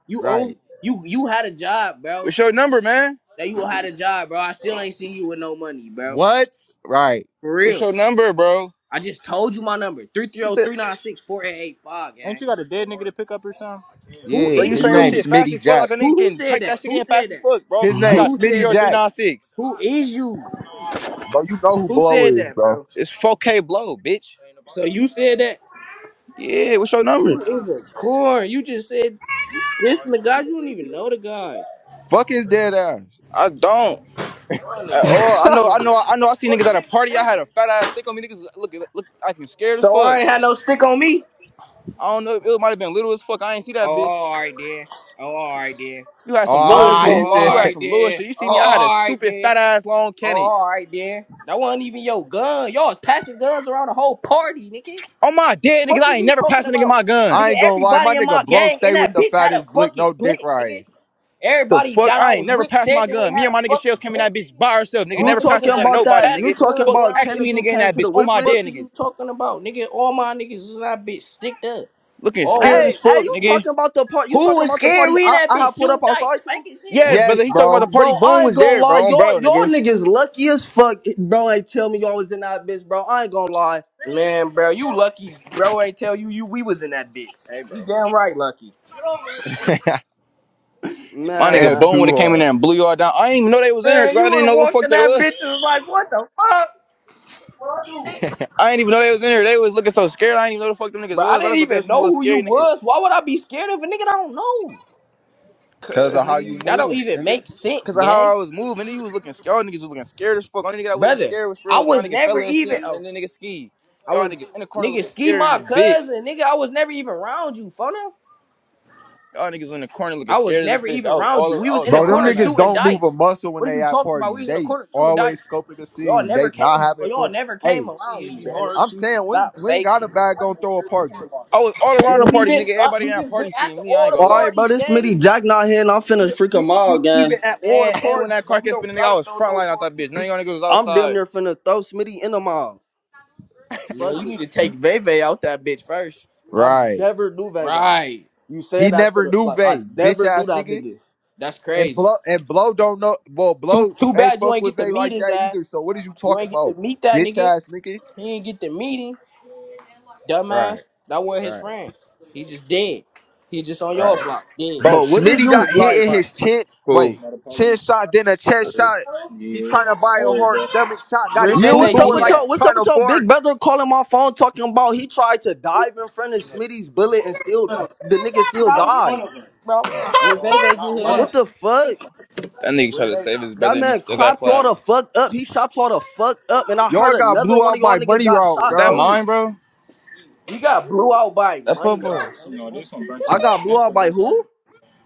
Speaker 3: You
Speaker 1: Right.
Speaker 3: only you you had a job, bro.
Speaker 6: What's your number, man?
Speaker 3: That you had a job, bro. I still ain't seen you with no money, bro.
Speaker 1: What? Right.
Speaker 3: For
Speaker 6: What's
Speaker 3: real.
Speaker 6: your number, bro?
Speaker 3: I just told you my number. three three
Speaker 6: You
Speaker 3: zero
Speaker 6: said,
Speaker 3: three nine six four eight eight five gang. Who
Speaker 1: Yeah.
Speaker 6: bro, you
Speaker 3: is
Speaker 1: His
Speaker 6: saying your
Speaker 1: name
Speaker 6: shit
Speaker 3: you?
Speaker 6: fast
Speaker 1: Smitty
Speaker 6: as fuck
Speaker 1: Jack.
Speaker 6: like a
Speaker 3: Who
Speaker 6: nigga
Speaker 3: who
Speaker 6: can
Speaker 3: said
Speaker 6: type
Speaker 3: that?
Speaker 6: that shit
Speaker 3: Who
Speaker 6: in
Speaker 3: said
Speaker 6: fast as
Speaker 3: that?
Speaker 6: fuck, bro.
Speaker 1: His
Speaker 6: I
Speaker 1: name
Speaker 6: got
Speaker 3: Who
Speaker 6: three three
Speaker 1: Smitty
Speaker 3: said
Speaker 6: oh
Speaker 3: that?
Speaker 6: three
Speaker 1: Jack.
Speaker 6: nine six.
Speaker 3: Who is you?
Speaker 1: Bro, you know who
Speaker 3: Who
Speaker 1: Blow
Speaker 3: said
Speaker 1: is,
Speaker 3: that,
Speaker 1: bro.
Speaker 3: bro?
Speaker 6: It's four K blow, bitch.
Speaker 3: So you said that?
Speaker 6: Yeah, what's your number?
Speaker 3: You is a corn. You just said this and the guys. You don't even know the guys.
Speaker 1: Fuck his dead ass.
Speaker 6: I don't.
Speaker 3: Y'all
Speaker 6: At
Speaker 3: niggas
Speaker 6: all. I
Speaker 4: I
Speaker 6: know. I
Speaker 3: corny.
Speaker 6: know. I know. I see niggas at a party. I had a fat ass stick on me. Niggas look, look, I can scared as
Speaker 3: So
Speaker 6: fuck.
Speaker 3: I ain't had no stick on me.
Speaker 6: I don't know. It might have been little as fuck. I ain't see
Speaker 3: Oh,
Speaker 6: that bitch.
Speaker 3: all right then. Oh, all right then.
Speaker 6: You had some little
Speaker 4: ain't
Speaker 1: Ah,
Speaker 3: Oh,
Speaker 6: shit.
Speaker 1: he
Speaker 4: gonna
Speaker 3: all
Speaker 6: You
Speaker 1: said,
Speaker 4: lie.
Speaker 6: had
Speaker 3: right
Speaker 6: some little
Speaker 3: then.
Speaker 6: shit. You
Speaker 3: Oh,
Speaker 6: see me? I had a
Speaker 3: all right
Speaker 6: stupid
Speaker 3: then.
Speaker 6: fat ass long
Speaker 3: Oh,
Speaker 6: Kenny.
Speaker 3: all right then. That wasn't even your gun. Y'all was passing guns around the whole party, nigga.
Speaker 6: On my dead niggas,
Speaker 3: Fuck
Speaker 6: I
Speaker 3: is
Speaker 6: ain't
Speaker 3: you
Speaker 6: never
Speaker 3: talking
Speaker 6: passed a nigga
Speaker 3: about?
Speaker 6: my gun.
Speaker 1: I
Speaker 3: Nigga,
Speaker 1: ain't gonna lie, my
Speaker 3: everybody in
Speaker 1: nigga
Speaker 3: my
Speaker 1: Blow
Speaker 3: gang in
Speaker 1: stay with
Speaker 3: that
Speaker 1: the
Speaker 3: bitch had a
Speaker 1: fattest blick,
Speaker 3: fucking
Speaker 1: no dick
Speaker 3: blick, nigga.
Speaker 1: riot.
Speaker 6: The
Speaker 3: Everybody
Speaker 6: fuck?
Speaker 3: that I
Speaker 6: I
Speaker 3: was
Speaker 6: ain't never
Speaker 3: with
Speaker 6: passed my
Speaker 3: standing with
Speaker 6: gun. Me
Speaker 3: had
Speaker 6: and
Speaker 3: a
Speaker 6: my nigga Shells
Speaker 3: fucking
Speaker 6: came in
Speaker 3: blick,
Speaker 6: that bitch
Speaker 3: nigga.
Speaker 6: by herself, nigga.
Speaker 4: You
Speaker 3: Y'all
Speaker 6: Never
Speaker 3: niggas
Speaker 6: passed
Speaker 3: in
Speaker 6: her
Speaker 4: talking
Speaker 6: gun to
Speaker 3: that
Speaker 4: about
Speaker 3: bitch
Speaker 6: nobody,
Speaker 4: that? You
Speaker 3: passing
Speaker 6: nigga.
Speaker 4: talking
Speaker 3: guns
Speaker 6: Fuck,
Speaker 4: about
Speaker 3: around
Speaker 6: ask
Speaker 3: and
Speaker 4: Kendrick
Speaker 6: any
Speaker 4: you
Speaker 3: shit.
Speaker 6: nigga in
Speaker 4: came
Speaker 6: that
Speaker 4: to
Speaker 6: bitch.
Speaker 4: the
Speaker 6: On
Speaker 4: whip
Speaker 6: my
Speaker 4: with?
Speaker 3: Fuck
Speaker 6: dead
Speaker 3: is you
Speaker 6: niggas.
Speaker 3: talking about, nigga? All my niggas in that bitch sticked up.
Speaker 6: Looking scared
Speaker 1: Right.
Speaker 4: Hey,
Speaker 6: as
Speaker 3: Always,
Speaker 4: hey,
Speaker 6: fuck,
Speaker 4: you
Speaker 3: nigga.
Speaker 6: nigga.
Speaker 4: talking about the part? You
Speaker 3: Who
Speaker 4: talking
Speaker 3: was
Speaker 4: about the
Speaker 3: scared?
Speaker 4: party
Speaker 3: We in
Speaker 4: I,
Speaker 3: that
Speaker 4: I have
Speaker 3: bitch
Speaker 4: pulled up
Speaker 3: shooting dice,
Speaker 4: outside to?
Speaker 3: spanking shit. What
Speaker 6: Yes,
Speaker 3: are you
Speaker 6: brother.
Speaker 1: Yes,
Speaker 6: He
Speaker 3: talking
Speaker 6: talking about the
Speaker 1: bro.
Speaker 3: about?
Speaker 6: party.
Speaker 4: Bro,
Speaker 6: Boom
Speaker 4: I ain't
Speaker 6: was
Speaker 4: gonna
Speaker 6: there,
Speaker 4: lie,
Speaker 6: bro. On
Speaker 4: y'all,
Speaker 6: bro,
Speaker 4: y'all
Speaker 6: nigga.
Speaker 4: niggas lucky as fuck, bro. Ain't tell me y'all was in that bitch, bro. I ain't gonna lie,
Speaker 3: Man, bro, you lucky. Bro ain't tell you you we was in that bitch. You damn right lucky.
Speaker 6: My nigga
Speaker 1: And
Speaker 4: man.
Speaker 6: Boom would
Speaker 1: too
Speaker 6: have came in there
Speaker 1: hard.
Speaker 6: and blew y'all down. I ain't even know they was in there
Speaker 3: Man,
Speaker 6: because
Speaker 3: you
Speaker 6: I
Speaker 3: would
Speaker 6: didn't
Speaker 3: have
Speaker 6: know who the
Speaker 3: walked
Speaker 6: fuck
Speaker 3: in
Speaker 6: they
Speaker 3: that
Speaker 6: was.
Speaker 3: bitch and was like, what the fuck?
Speaker 6: I ain't even know they was in there. They was looking so scared. I ain't even know the fuck them niggas
Speaker 3: Bro, I
Speaker 6: was. I
Speaker 3: didn't
Speaker 6: just thought they was
Speaker 3: even
Speaker 6: some
Speaker 3: know
Speaker 6: little
Speaker 3: who you
Speaker 6: scary niggas.
Speaker 3: was. Why would I be scared of a nigga that I don't know?
Speaker 1: Cause
Speaker 6: Cause
Speaker 1: of how
Speaker 6: nigga,
Speaker 1: you
Speaker 6: you,
Speaker 3: That don't
Speaker 1: move,
Speaker 3: even
Speaker 1: nigga.
Speaker 3: make sense,
Speaker 6: cause of how
Speaker 3: gang.
Speaker 6: I was moving, nigga, you was looking. scared. Y'all niggas was looking scared as fuck. Only nigga that wasn't
Speaker 3: Brother,
Speaker 6: scared was for real
Speaker 3: I
Speaker 6: was my
Speaker 3: was
Speaker 6: nigga
Speaker 3: never
Speaker 6: fella and
Speaker 3: even
Speaker 6: CM, and
Speaker 3: oh,
Speaker 6: then nigga ski.
Speaker 3: I
Speaker 6: Y'all
Speaker 3: was
Speaker 6: niggas in the corner
Speaker 3: nigga
Speaker 6: looking
Speaker 3: ski
Speaker 6: scared than
Speaker 3: my
Speaker 6: a bitch.
Speaker 3: cousin, nigga. I was never even around you, funna.
Speaker 6: Y'all niggas in the corner looking
Speaker 3: I was
Speaker 6: scared as a
Speaker 3: never
Speaker 6: bitch.
Speaker 3: even
Speaker 6: I was
Speaker 3: around
Speaker 6: all
Speaker 3: you. We
Speaker 6: I
Speaker 3: was
Speaker 6: was
Speaker 3: in the
Speaker 6: all
Speaker 1: Bro, them
Speaker 3: corner
Speaker 6: around
Speaker 1: niggas
Speaker 6: that bitch.
Speaker 3: shooting
Speaker 1: don't move a
Speaker 3: dice.
Speaker 1: muscle when
Speaker 3: What are
Speaker 1: they
Speaker 3: you
Speaker 1: at
Speaker 3: talking about? We
Speaker 1: parties.
Speaker 3: was in the
Speaker 1: They
Speaker 3: corner shooting dice.
Speaker 1: always scoping the
Speaker 3: Y'all
Speaker 1: scene.
Speaker 3: never
Speaker 1: They not
Speaker 3: came
Speaker 1: having
Speaker 3: y'all
Speaker 1: fun.
Speaker 3: never came
Speaker 1: Hey,
Speaker 3: around me, brother.
Speaker 1: I'm saying when
Speaker 3: Stop
Speaker 1: when got a
Speaker 3: faking.
Speaker 1: bag gonna throw a party.
Speaker 6: I was all around
Speaker 3: Nigga,
Speaker 6: the
Speaker 3: we
Speaker 6: party,
Speaker 3: been
Speaker 6: nigga.
Speaker 3: uh,
Speaker 6: Everybody in
Speaker 3: we
Speaker 6: that
Speaker 3: just been
Speaker 6: party
Speaker 3: at the
Speaker 6: seeing me. I
Speaker 3: all
Speaker 6: ain't
Speaker 3: the
Speaker 4: All
Speaker 6: gonna lie.
Speaker 4: right,
Speaker 3: parties,
Speaker 4: bro, this
Speaker 3: gang.
Speaker 4: Smitty Jack not here, and I'm
Speaker 3: We,
Speaker 4: finna
Speaker 3: done-
Speaker 4: freak a
Speaker 3: we,
Speaker 4: mile,
Speaker 3: we, we
Speaker 4: gang.
Speaker 3: been at all the
Speaker 6: And and when
Speaker 3: parties,
Speaker 6: that
Speaker 3: bro.
Speaker 6: car
Speaker 3: We
Speaker 6: kept
Speaker 3: don't
Speaker 6: spinning, nigga, I
Speaker 3: gotta
Speaker 6: was
Speaker 3: know
Speaker 6: front
Speaker 3: no
Speaker 6: line out that
Speaker 3: parties.
Speaker 6: bitch. None of y'all niggas was
Speaker 4: I'm damn
Speaker 6: outside.
Speaker 4: near finna throw Smitty in the mile.
Speaker 3: Man,
Speaker 4: Fuck
Speaker 3: you
Speaker 4: it,
Speaker 3: need to take Veve out that bitch first.
Speaker 4: I
Speaker 1: Right.
Speaker 4: never do that.
Speaker 3: Right.
Speaker 4: You
Speaker 1: He
Speaker 4: said that to
Speaker 1: never
Speaker 4: the
Speaker 1: knew
Speaker 4: like, I
Speaker 1: Vay, bitch
Speaker 4: never do
Speaker 1: ass
Speaker 4: that,
Speaker 1: nigga.
Speaker 4: nigga.
Speaker 3: That's
Speaker 1: And
Speaker 3: crazy.
Speaker 1: blow and blow don't know. Well,
Speaker 3: Too
Speaker 1: blow
Speaker 3: too
Speaker 1: ain't
Speaker 3: bad you
Speaker 1: fuck
Speaker 3: ain't
Speaker 1: with
Speaker 3: get to
Speaker 1: Vay
Speaker 3: meet
Speaker 1: like
Speaker 3: his
Speaker 1: that
Speaker 3: ass.
Speaker 1: either. So what is you
Speaker 3: You
Speaker 1: talking
Speaker 3: ain't get to
Speaker 1: about,
Speaker 3: meet that
Speaker 1: bitch
Speaker 3: nigga.
Speaker 1: ass nigga?
Speaker 3: He ain't get to meet him. Dumbass.
Speaker 1: Right,
Speaker 3: That wasn't his
Speaker 1: right,
Speaker 3: friend. He just dead. He just on your
Speaker 1: right.
Speaker 3: block. Dead.
Speaker 1: Bro,
Speaker 4: But what is
Speaker 1: Schmitty
Speaker 4: you
Speaker 1: got
Speaker 4: like?
Speaker 1: hit in his chin.
Speaker 6: Cool.
Speaker 1: Wait, chin shot, then a chest shot. He trying to buy a hard stomach shot. Got
Speaker 3: Where
Speaker 1: him
Speaker 4: Yeah,
Speaker 3: Veve
Speaker 1: boo
Speaker 4: what's
Speaker 3: get
Speaker 4: up
Speaker 1: booing
Speaker 4: with
Speaker 3: hit
Speaker 1: like he
Speaker 4: your
Speaker 3: at?
Speaker 4: what's
Speaker 1: trying
Speaker 4: up
Speaker 1: to
Speaker 4: with your big
Speaker 1: fart.
Speaker 4: brother calling my phone talking about he tried to dive in front of Smitty's bullet and still the nigga still died.
Speaker 3: Where Veve get hit
Speaker 4: Like what
Speaker 3: at?
Speaker 4: the fuck?
Speaker 6: That nigga tried
Speaker 3: Where
Speaker 6: to
Speaker 3: Veve?
Speaker 6: save his brother
Speaker 4: That
Speaker 6: and he
Speaker 4: man
Speaker 6: still got
Speaker 4: clapped y'all
Speaker 6: clapped.
Speaker 4: the fuck up. He shot y'all the fuck up. And I
Speaker 1: Y'all
Speaker 4: heard
Speaker 1: got
Speaker 4: another
Speaker 1: blew
Speaker 4: one
Speaker 1: out
Speaker 4: of y'all
Speaker 1: by
Speaker 4: niggas
Speaker 1: money
Speaker 4: got
Speaker 1: route,
Speaker 6: Is
Speaker 4: shot
Speaker 6: that
Speaker 1: bro.
Speaker 4: too.
Speaker 6: mine, bro?
Speaker 3: We got blew out by
Speaker 6: That's
Speaker 3: money
Speaker 6: football.
Speaker 3: route.
Speaker 4: I got blew out by who?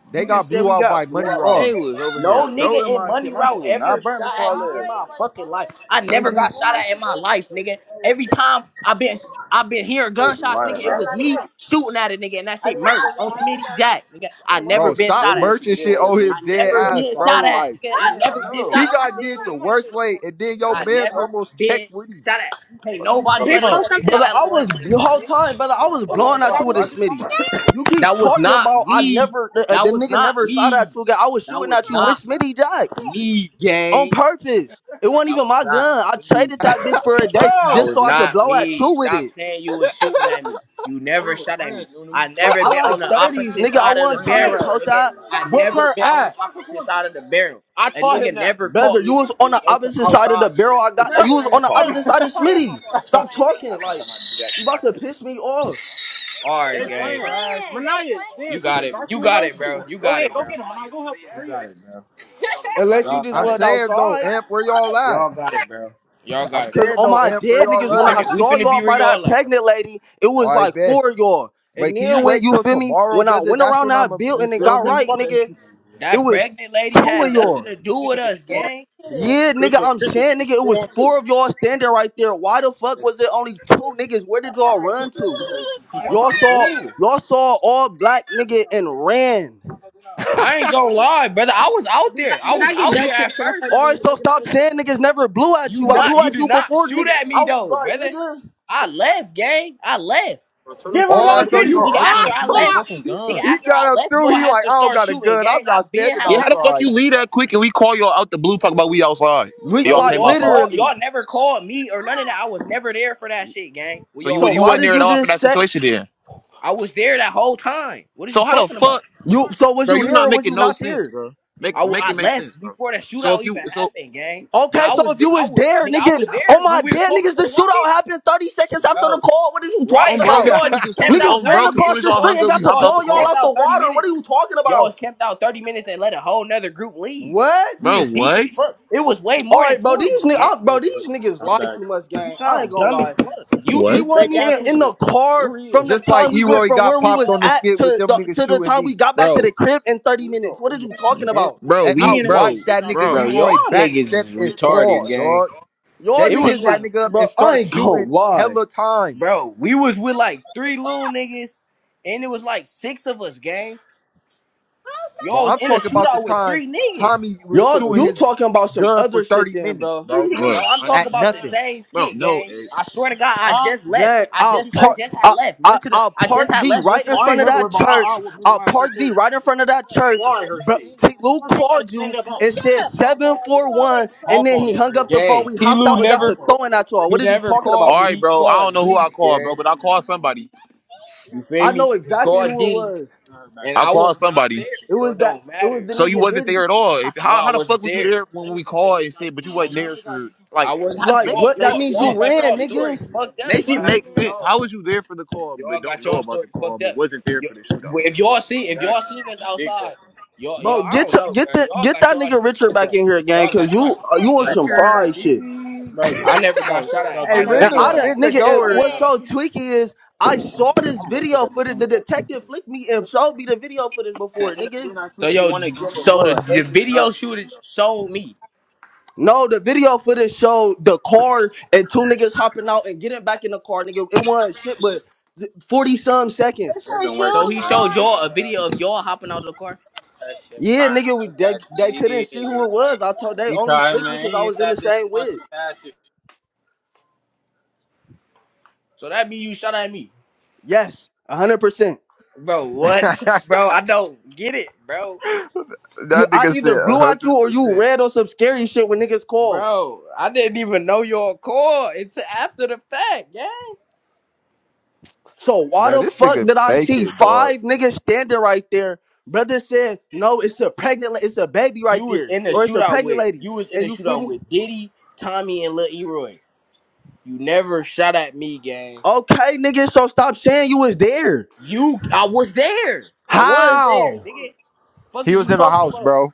Speaker 1: They
Speaker 3: You
Speaker 1: got
Speaker 3: just said
Speaker 1: blew
Speaker 3: we
Speaker 1: out by
Speaker 3: got blew
Speaker 1: money
Speaker 3: out.
Speaker 1: route,
Speaker 4: Oh,
Speaker 6: They was over here
Speaker 3: No nigga
Speaker 6: throwing
Speaker 3: in
Speaker 6: my
Speaker 3: Money
Speaker 6: shit. My
Speaker 3: Route
Speaker 6: shit was
Speaker 3: ever
Speaker 6: not
Speaker 3: shot
Speaker 6: burnt before I
Speaker 3: at me in
Speaker 6: left.
Speaker 3: my fucking life. I never got shot at in my life, nigga. Every time I've been I've been hearing gunshots, nigga, it was me shooting at a nigga and that shit merch on Smitty Jack, nigga. I never
Speaker 1: bro.
Speaker 3: been
Speaker 1: Stop
Speaker 3: shot at.
Speaker 1: merching shit on his
Speaker 3: I
Speaker 1: dead
Speaker 3: never
Speaker 1: ass,
Speaker 3: been
Speaker 1: bro.
Speaker 3: shot at,
Speaker 1: Like.
Speaker 3: nigga. I
Speaker 6: Yeah, I
Speaker 3: never been
Speaker 6: know.
Speaker 1: He
Speaker 3: shot at.
Speaker 1: got did the worst way, and then your
Speaker 3: I
Speaker 1: man's
Speaker 3: never
Speaker 1: almost checked
Speaker 3: been
Speaker 1: with him.
Speaker 3: shot at. Hey, nobody ever said they shot
Speaker 4: brother,
Speaker 3: at
Speaker 4: I
Speaker 3: Lil Wayne,
Speaker 4: was
Speaker 3: nigga.
Speaker 4: the whole time, brother. I was blowing at you with a Smitty. You keep
Speaker 3: That was
Speaker 4: talking
Speaker 3: not
Speaker 4: about I
Speaker 3: me.
Speaker 4: never the, uh, the
Speaker 3: That was
Speaker 4: nigga
Speaker 3: not
Speaker 4: never shot
Speaker 3: me.
Speaker 4: at you. guy. I was
Speaker 3: That
Speaker 4: shooting
Speaker 3: was
Speaker 4: at you
Speaker 3: not
Speaker 4: with Smitty Jack
Speaker 3: me,
Speaker 4: on
Speaker 3: gang.
Speaker 4: purpose. It wasn't
Speaker 3: That
Speaker 4: even
Speaker 3: was
Speaker 4: my
Speaker 3: not
Speaker 4: gun. I
Speaker 3: me.
Speaker 4: traded that bitch for a day
Speaker 3: That
Speaker 4: just
Speaker 3: was
Speaker 4: so I could
Speaker 3: not
Speaker 4: blow at you
Speaker 3: me.
Speaker 4: with
Speaker 3: Stop
Speaker 4: it.
Speaker 3: saying you was shooting at me. You never shot at me. I
Speaker 4: Like
Speaker 3: never
Speaker 4: I
Speaker 3: been on
Speaker 4: like
Speaker 3: the
Speaker 4: thirties,
Speaker 3: opposite
Speaker 4: nigga. I
Speaker 3: side of the
Speaker 4: wasn't trying to
Speaker 3: barrel,
Speaker 4: tote
Speaker 3: nigga.
Speaker 4: that.
Speaker 3: I
Speaker 6: Whoop
Speaker 3: never
Speaker 6: her
Speaker 3: been on the
Speaker 6: ass.
Speaker 3: opposite side of the barrel.
Speaker 6: I
Speaker 3: A
Speaker 6: taught him
Speaker 3: nigga
Speaker 6: that.
Speaker 3: never
Speaker 4: Brother,
Speaker 3: caught
Speaker 4: you
Speaker 3: me
Speaker 4: was on the
Speaker 3: on some
Speaker 4: opposite side of
Speaker 3: outside
Speaker 4: the
Speaker 3: shit.
Speaker 4: barrel. I got you was on the opposite side of Smitty. Stop talking. Like you about to piss me off.
Speaker 3: All right, gang. You got it. You got it, bro. You got it, bro. You got it, bro.
Speaker 4: Unless you
Speaker 3: Y'all
Speaker 4: just
Speaker 1: I'm
Speaker 3: got
Speaker 4: went
Speaker 3: it, bro.
Speaker 1: saying though,
Speaker 4: outside.
Speaker 1: Amp, where y'all at?
Speaker 3: Y'all got it, bro. Y'all
Speaker 1: I'm
Speaker 3: got it,
Speaker 4: Cause
Speaker 1: saying
Speaker 3: bro.
Speaker 4: on
Speaker 1: though,
Speaker 4: my
Speaker 1: Amp, where
Speaker 4: dead
Speaker 1: y'all
Speaker 4: niggas,
Speaker 3: We
Speaker 4: when
Speaker 1: at?
Speaker 4: I
Speaker 3: finna we
Speaker 4: saw
Speaker 3: finna
Speaker 4: y'all
Speaker 3: be where
Speaker 4: by that
Speaker 3: y'all at.
Speaker 4: pregnant lady, it
Speaker 1: All
Speaker 4: was
Speaker 1: right,
Speaker 4: like
Speaker 1: bet.
Speaker 4: four of y'all. And
Speaker 1: Wait, can you
Speaker 4: then
Speaker 3: That
Speaker 4: when
Speaker 1: wait
Speaker 4: you
Speaker 1: till
Speaker 4: feel me,
Speaker 1: tomorrow,
Speaker 4: when I
Speaker 1: brother?
Speaker 4: went
Speaker 1: That's
Speaker 4: around
Speaker 1: when I'm.
Speaker 4: that
Speaker 1: A, you
Speaker 4: building and
Speaker 1: feel
Speaker 4: got
Speaker 1: me?
Speaker 4: right, nigga, it
Speaker 3: that
Speaker 4: was
Speaker 3: pregnant lady
Speaker 4: two
Speaker 3: had
Speaker 4: of
Speaker 3: nothing
Speaker 4: y'all.
Speaker 3: to do with us, gang.
Speaker 4: Yeah, nigga, I'm saying, nigga, it was four of y'all standing right there. Why the fuck was it only two niggas? Where did y'all run to? Y'all saw
Speaker 3: Ooh.
Speaker 4: y'all saw all black nigga and ran.
Speaker 3: I ain't gonna lie, brother. I was out there. I
Speaker 6: Did
Speaker 3: was
Speaker 6: I get
Speaker 3: out there
Speaker 6: dunked?
Speaker 3: at
Speaker 6: Should I fight
Speaker 3: first.
Speaker 4: Alright,
Speaker 6: again?
Speaker 4: so stop saying niggas never blew at
Speaker 3: You
Speaker 4: you. I
Speaker 3: not
Speaker 4: blew
Speaker 3: you
Speaker 4: at
Speaker 3: did
Speaker 4: you
Speaker 3: not
Speaker 4: before
Speaker 3: shoot
Speaker 4: nigga.
Speaker 3: at
Speaker 4: I
Speaker 3: me though,
Speaker 4: like
Speaker 3: brother.
Speaker 4: nigga.
Speaker 3: I left, gang. I left. When,
Speaker 1: Oh,
Speaker 3: when
Speaker 1: so you
Speaker 3: nigga after
Speaker 1: ah?
Speaker 3: I left, nigga
Speaker 1: He
Speaker 3: after
Speaker 1: got
Speaker 3: I
Speaker 1: up
Speaker 3: left,
Speaker 1: through.
Speaker 3: y'all
Speaker 1: He
Speaker 3: had
Speaker 1: like,
Speaker 3: to
Speaker 1: I don't
Speaker 3: start
Speaker 1: got a
Speaker 3: shooting,
Speaker 1: gun. I'm
Speaker 3: gang. I
Speaker 1: not
Speaker 3: been
Speaker 1: standing
Speaker 3: had
Speaker 6: Yeah, how
Speaker 3: left
Speaker 6: the fuck
Speaker 3: after
Speaker 1: outside.
Speaker 6: you
Speaker 3: that,
Speaker 6: leave
Speaker 3: bro.
Speaker 6: that quick and we call y'all out the blue talk about we outside?
Speaker 4: We,
Speaker 3: Bro,
Speaker 6: Y'all
Speaker 3: we
Speaker 4: like
Speaker 6: came
Speaker 3: all
Speaker 6: outside.
Speaker 3: called
Speaker 4: literally.
Speaker 3: y'all never called me or none of that. I was never there for that shit, gang.
Speaker 6: So
Speaker 3: We
Speaker 6: you
Speaker 3: all
Speaker 4: So
Speaker 6: you
Speaker 4: why
Speaker 6: wasn't
Speaker 3: called.
Speaker 4: did
Speaker 6: there at
Speaker 4: you
Speaker 6: all for
Speaker 4: just
Speaker 6: that
Speaker 4: set
Speaker 6: situation then.
Speaker 3: I was there that whole time. What is
Speaker 6: So
Speaker 3: you
Speaker 6: how the
Speaker 3: talking about?
Speaker 6: fuck,
Speaker 4: you so was
Speaker 6: bro?
Speaker 4: you
Speaker 6: You
Speaker 4: there
Speaker 6: not
Speaker 4: or was you
Speaker 6: making no
Speaker 4: not
Speaker 6: sense,
Speaker 4: there?
Speaker 6: bro.
Speaker 3: I,
Speaker 6: Make
Speaker 3: w-
Speaker 6: make
Speaker 3: I
Speaker 6: it make sense,
Speaker 3: left
Speaker 6: bro.
Speaker 3: before that
Speaker 6: So
Speaker 3: shootout
Speaker 6: if you
Speaker 3: even
Speaker 6: so
Speaker 3: happened, gang. But
Speaker 4: Okay,
Speaker 3: I
Speaker 4: so
Speaker 3: was
Speaker 4: if you
Speaker 3: th- I
Speaker 4: was
Speaker 3: was
Speaker 4: there,
Speaker 3: nigga, I
Speaker 4: nigga,
Speaker 3: was
Speaker 4: oh
Speaker 3: there
Speaker 4: my
Speaker 3: when we was
Speaker 4: damn
Speaker 3: talking
Speaker 4: niggas,
Speaker 3: to
Speaker 4: the
Speaker 3: the one
Speaker 4: shootout
Speaker 3: bitch.
Speaker 4: happened 30 seconds after the
Speaker 3: Bro.
Speaker 4: call. What are you talking
Speaker 3: Right.
Speaker 6: um bro,
Speaker 3: So
Speaker 6: we
Speaker 4: about?
Speaker 3: y'all
Speaker 6: soon as
Speaker 3: just
Speaker 6: as soon
Speaker 3: kept
Speaker 6: as
Speaker 4: Niggas
Speaker 3: out
Speaker 6: um
Speaker 4: ran
Speaker 6: bro,
Speaker 3: 30
Speaker 6: as soon
Speaker 4: across
Speaker 3: minutes.
Speaker 6: as
Speaker 4: the
Speaker 6: y'all
Speaker 3: Y'all,
Speaker 4: street
Speaker 6: hung
Speaker 4: and
Speaker 6: up,
Speaker 4: got
Speaker 6: we
Speaker 4: to
Speaker 6: hopped
Speaker 3: y'all
Speaker 6: out the
Speaker 4: blowing
Speaker 3: just
Speaker 4: y'all
Speaker 3: kept
Speaker 6: car.
Speaker 4: out the
Speaker 3: out 30
Speaker 4: water. What are
Speaker 3: minutes.
Speaker 4: you talking
Speaker 3: Y'all
Speaker 4: about?
Speaker 3: just kept out 30 minutes and let a whole nother group leave. We
Speaker 6: Bro,
Speaker 4: What?
Speaker 3: was deep as
Speaker 6: what?
Speaker 3: fuck. It was way
Speaker 4: All
Speaker 3: more than
Speaker 4: right, bro.
Speaker 3: four of us,
Speaker 4: These niggas, I,
Speaker 3: gang.
Speaker 4: bro. These niggas lie too much,
Speaker 3: You
Speaker 4: gang. I ain't
Speaker 3: sound
Speaker 4: gonna
Speaker 3: dumb
Speaker 4: lie.
Speaker 3: as fuck. You
Speaker 4: We
Speaker 6: What?
Speaker 3: just be
Speaker 4: wasn't even
Speaker 3: saying
Speaker 4: in the
Speaker 3: shit.
Speaker 4: car from the
Speaker 1: Just like
Speaker 4: time we went
Speaker 1: Eroy
Speaker 4: from
Speaker 1: got
Speaker 4: where we
Speaker 1: popped
Speaker 4: was
Speaker 1: on the
Speaker 4: at
Speaker 1: skit
Speaker 4: to
Speaker 1: with them
Speaker 4: the
Speaker 1: niggas
Speaker 4: to the
Speaker 1: shooting
Speaker 4: time we
Speaker 1: me,
Speaker 4: got back to
Speaker 6: bro,
Speaker 4: the crib in thirty minutes. What are you talking about?
Speaker 6: bro,
Speaker 1: and
Speaker 6: Get me
Speaker 1: I
Speaker 6: we, in the room,
Speaker 1: watched that nigga
Speaker 6: bro, room,
Speaker 3: Bro,
Speaker 6: bitch.
Speaker 3: y'all
Speaker 1: Eroy
Speaker 3: niggas
Speaker 1: backstep
Speaker 3: is
Speaker 1: and
Speaker 3: retarded,
Speaker 1: fall,
Speaker 3: gang.
Speaker 1: dog.
Speaker 4: Y'all
Speaker 1: They
Speaker 3: It was
Speaker 1: pick
Speaker 4: niggas
Speaker 1: that
Speaker 4: is,
Speaker 3: like,
Speaker 1: nigga up
Speaker 4: bro.
Speaker 1: and
Speaker 4: I
Speaker 1: start
Speaker 4: ain't gonna
Speaker 1: shooting
Speaker 4: lie.
Speaker 1: hella times.
Speaker 3: bro, we was with like three little niggas, and it was like six of us, gang.
Speaker 6: I'll bro,
Speaker 1: Bro,
Speaker 3: Y'all
Speaker 6: slap
Speaker 3: was
Speaker 1: I'm
Speaker 3: in a
Speaker 1: talking about the
Speaker 3: shootout with
Speaker 1: time
Speaker 3: three niggas.
Speaker 1: Tommy was
Speaker 4: Y'all,
Speaker 1: shooting
Speaker 4: you
Speaker 1: his
Speaker 4: talking about some
Speaker 1: gun for
Speaker 4: other shit,
Speaker 1: 30
Speaker 4: then,
Speaker 1: minutes,
Speaker 4: bro.
Speaker 1: bro.
Speaker 6: you right now. look,
Speaker 3: No, I'm talking
Speaker 1: At
Speaker 3: about the
Speaker 1: nothing.
Speaker 3: same
Speaker 6: bro,
Speaker 3: skit,
Speaker 6: no,
Speaker 3: gang.
Speaker 6: eh.
Speaker 3: I swear to God, I just left.
Speaker 4: That
Speaker 3: I
Speaker 4: I'll
Speaker 3: just, I
Speaker 4: park.
Speaker 3: just had
Speaker 4: I,
Speaker 3: left.
Speaker 4: I,
Speaker 3: Went to the,
Speaker 4: I'll
Speaker 3: I
Speaker 4: park
Speaker 3: just had
Speaker 4: thee
Speaker 3: left. Went
Speaker 4: right
Speaker 3: to
Speaker 4: in
Speaker 3: the
Speaker 4: front of
Speaker 3: store.
Speaker 4: that church. I'll park thee right in front of that church. But T. Luke called you and said
Speaker 6: Hold
Speaker 4: 741, and then he
Speaker 3: Yeah,
Speaker 4: hung up the phone.
Speaker 3: gang.
Speaker 4: We
Speaker 3: T.
Speaker 4: hopped out
Speaker 3: Lou
Speaker 4: and got
Speaker 3: never,
Speaker 4: to
Speaker 3: ca-
Speaker 4: throwing at y'all.
Speaker 3: he
Speaker 4: What is you
Speaker 3: never
Speaker 4: talking
Speaker 3: called
Speaker 6: all
Speaker 4: about?
Speaker 3: me.
Speaker 6: right,
Speaker 3: He
Speaker 6: bro, I
Speaker 3: called
Speaker 6: don't know who I
Speaker 3: Diddy,
Speaker 6: called,
Speaker 3: gang.
Speaker 6: bro, but I called somebody.
Speaker 3: You
Speaker 4: I
Speaker 3: feel me?
Speaker 4: know
Speaker 3: He
Speaker 4: exactly
Speaker 3: called
Speaker 4: who it
Speaker 3: Diddy,
Speaker 4: was.
Speaker 3: and
Speaker 6: I
Speaker 3: I
Speaker 6: called
Speaker 3: was not
Speaker 6: somebody.
Speaker 3: there,
Speaker 4: It
Speaker 3: so
Speaker 4: was
Speaker 3: it
Speaker 4: that.
Speaker 3: don't
Speaker 4: It was
Speaker 3: matter.
Speaker 4: the
Speaker 6: So you
Speaker 4: nigga
Speaker 6: wasn't
Speaker 4: Diddy.
Speaker 6: there at all. If,
Speaker 3: No,
Speaker 6: how,
Speaker 3: I
Speaker 6: how the fuck
Speaker 3: wasn't
Speaker 6: was you
Speaker 3: there.
Speaker 6: there when we called and shit, but you wasn't there for,
Speaker 3: I
Speaker 6: like,
Speaker 3: wasn't.
Speaker 6: how,
Speaker 4: Like
Speaker 3: Y'all,
Speaker 4: what? That
Speaker 3: y'all,
Speaker 4: means
Speaker 3: y'all
Speaker 4: you
Speaker 3: got
Speaker 4: ran,
Speaker 3: y'all story
Speaker 4: nigga.
Speaker 3: fucked up.
Speaker 6: make it make sense. How was you there for the call, but
Speaker 3: Y'all
Speaker 6: don't
Speaker 3: got
Speaker 6: know
Speaker 3: y'all
Speaker 6: about
Speaker 3: story
Speaker 6: the call,
Speaker 3: fucked
Speaker 6: but
Speaker 3: up.
Speaker 6: wasn't there
Speaker 3: Y-
Speaker 6: for the shootout?
Speaker 3: if y'all seen if y'all seen this outside, y'all
Speaker 4: Bro,
Speaker 3: y'all I
Speaker 4: get
Speaker 3: don't
Speaker 4: your,
Speaker 3: know,
Speaker 4: get
Speaker 3: man.
Speaker 4: the
Speaker 3: Y'all
Speaker 4: get
Speaker 3: got
Speaker 4: that
Speaker 3: y'all
Speaker 4: nigga
Speaker 3: shit
Speaker 4: Richard
Speaker 3: fucked
Speaker 4: back
Speaker 3: up.
Speaker 4: in here, gang.
Speaker 3: Y'all
Speaker 4: Cause
Speaker 3: got y'all
Speaker 4: you
Speaker 3: shit
Speaker 4: uh, you
Speaker 3: fucked
Speaker 4: on
Speaker 3: up.
Speaker 4: some fried shit.
Speaker 1: hey,
Speaker 3: I never got shot at by none
Speaker 4: And
Speaker 3: of
Speaker 1: Richard,
Speaker 4: I
Speaker 3: y'all
Speaker 4: done-
Speaker 3: niggas,
Speaker 1: Richard
Speaker 4: nigga,
Speaker 3: so
Speaker 6: It's
Speaker 4: and
Speaker 3: I don't
Speaker 1: Goer.
Speaker 4: what's
Speaker 3: know.
Speaker 4: so
Speaker 6: dead.
Speaker 4: tweaky is I saw this video footage. The detective flicked me and showed me the video footage before, nigga.
Speaker 3: So yo, so the, the video shooter showed me.
Speaker 4: No, the video footage showed the car and two niggas hopping out and getting back in the car, nigga. It wasn't shit, but forty some
Speaker 6: Put
Speaker 4: seconds.
Speaker 6: your Doesn't work for
Speaker 3: So
Speaker 6: shoes
Speaker 3: he
Speaker 6: some.
Speaker 3: showed
Speaker 6: on.
Speaker 3: y'all a video of y'all hopping out of the car.
Speaker 4: Yeah, nigga, we, they they couldn't see who it was. I told they only flicked me because I was in the same whip.
Speaker 3: So that mean you shot at me,
Speaker 4: Yes, hundred percent.
Speaker 3: bro. What, bro? I don't get it, bro.
Speaker 4: You,
Speaker 1: That
Speaker 4: I
Speaker 1: nigga
Speaker 4: either
Speaker 1: said a
Speaker 4: blew at you
Speaker 1: hundred
Speaker 4: or you
Speaker 1: percent.
Speaker 4: read on some scary shit when niggas called.
Speaker 3: Bro, I didn't even know y'all call until after the fact, yeah.
Speaker 4: So why
Speaker 1: Man,
Speaker 4: the
Speaker 1: this
Speaker 4: fuck
Speaker 1: nigga
Speaker 4: did I see
Speaker 1: bacon, dog.
Speaker 4: five niggas standing right there? Brother said, no, it's a pregnant, la- it's a baby right
Speaker 3: You was
Speaker 4: there,
Speaker 3: in the
Speaker 4: or it's a
Speaker 3: shootout
Speaker 4: pregnant
Speaker 3: with
Speaker 4: lady.
Speaker 3: you was in
Speaker 4: And
Speaker 3: the
Speaker 4: you feel
Speaker 3: shootout
Speaker 4: me?
Speaker 3: with Diddy, Tommy, and Lil Eroy. You never shot at me, gang.
Speaker 4: Okay, nigga, so stop saying you was there.
Speaker 3: You, I was there. I was there,
Speaker 4: How?
Speaker 3: nigga. Fuck
Speaker 1: He
Speaker 3: is you
Speaker 1: was in the
Speaker 3: talking
Speaker 1: house,
Speaker 3: about?
Speaker 1: bro.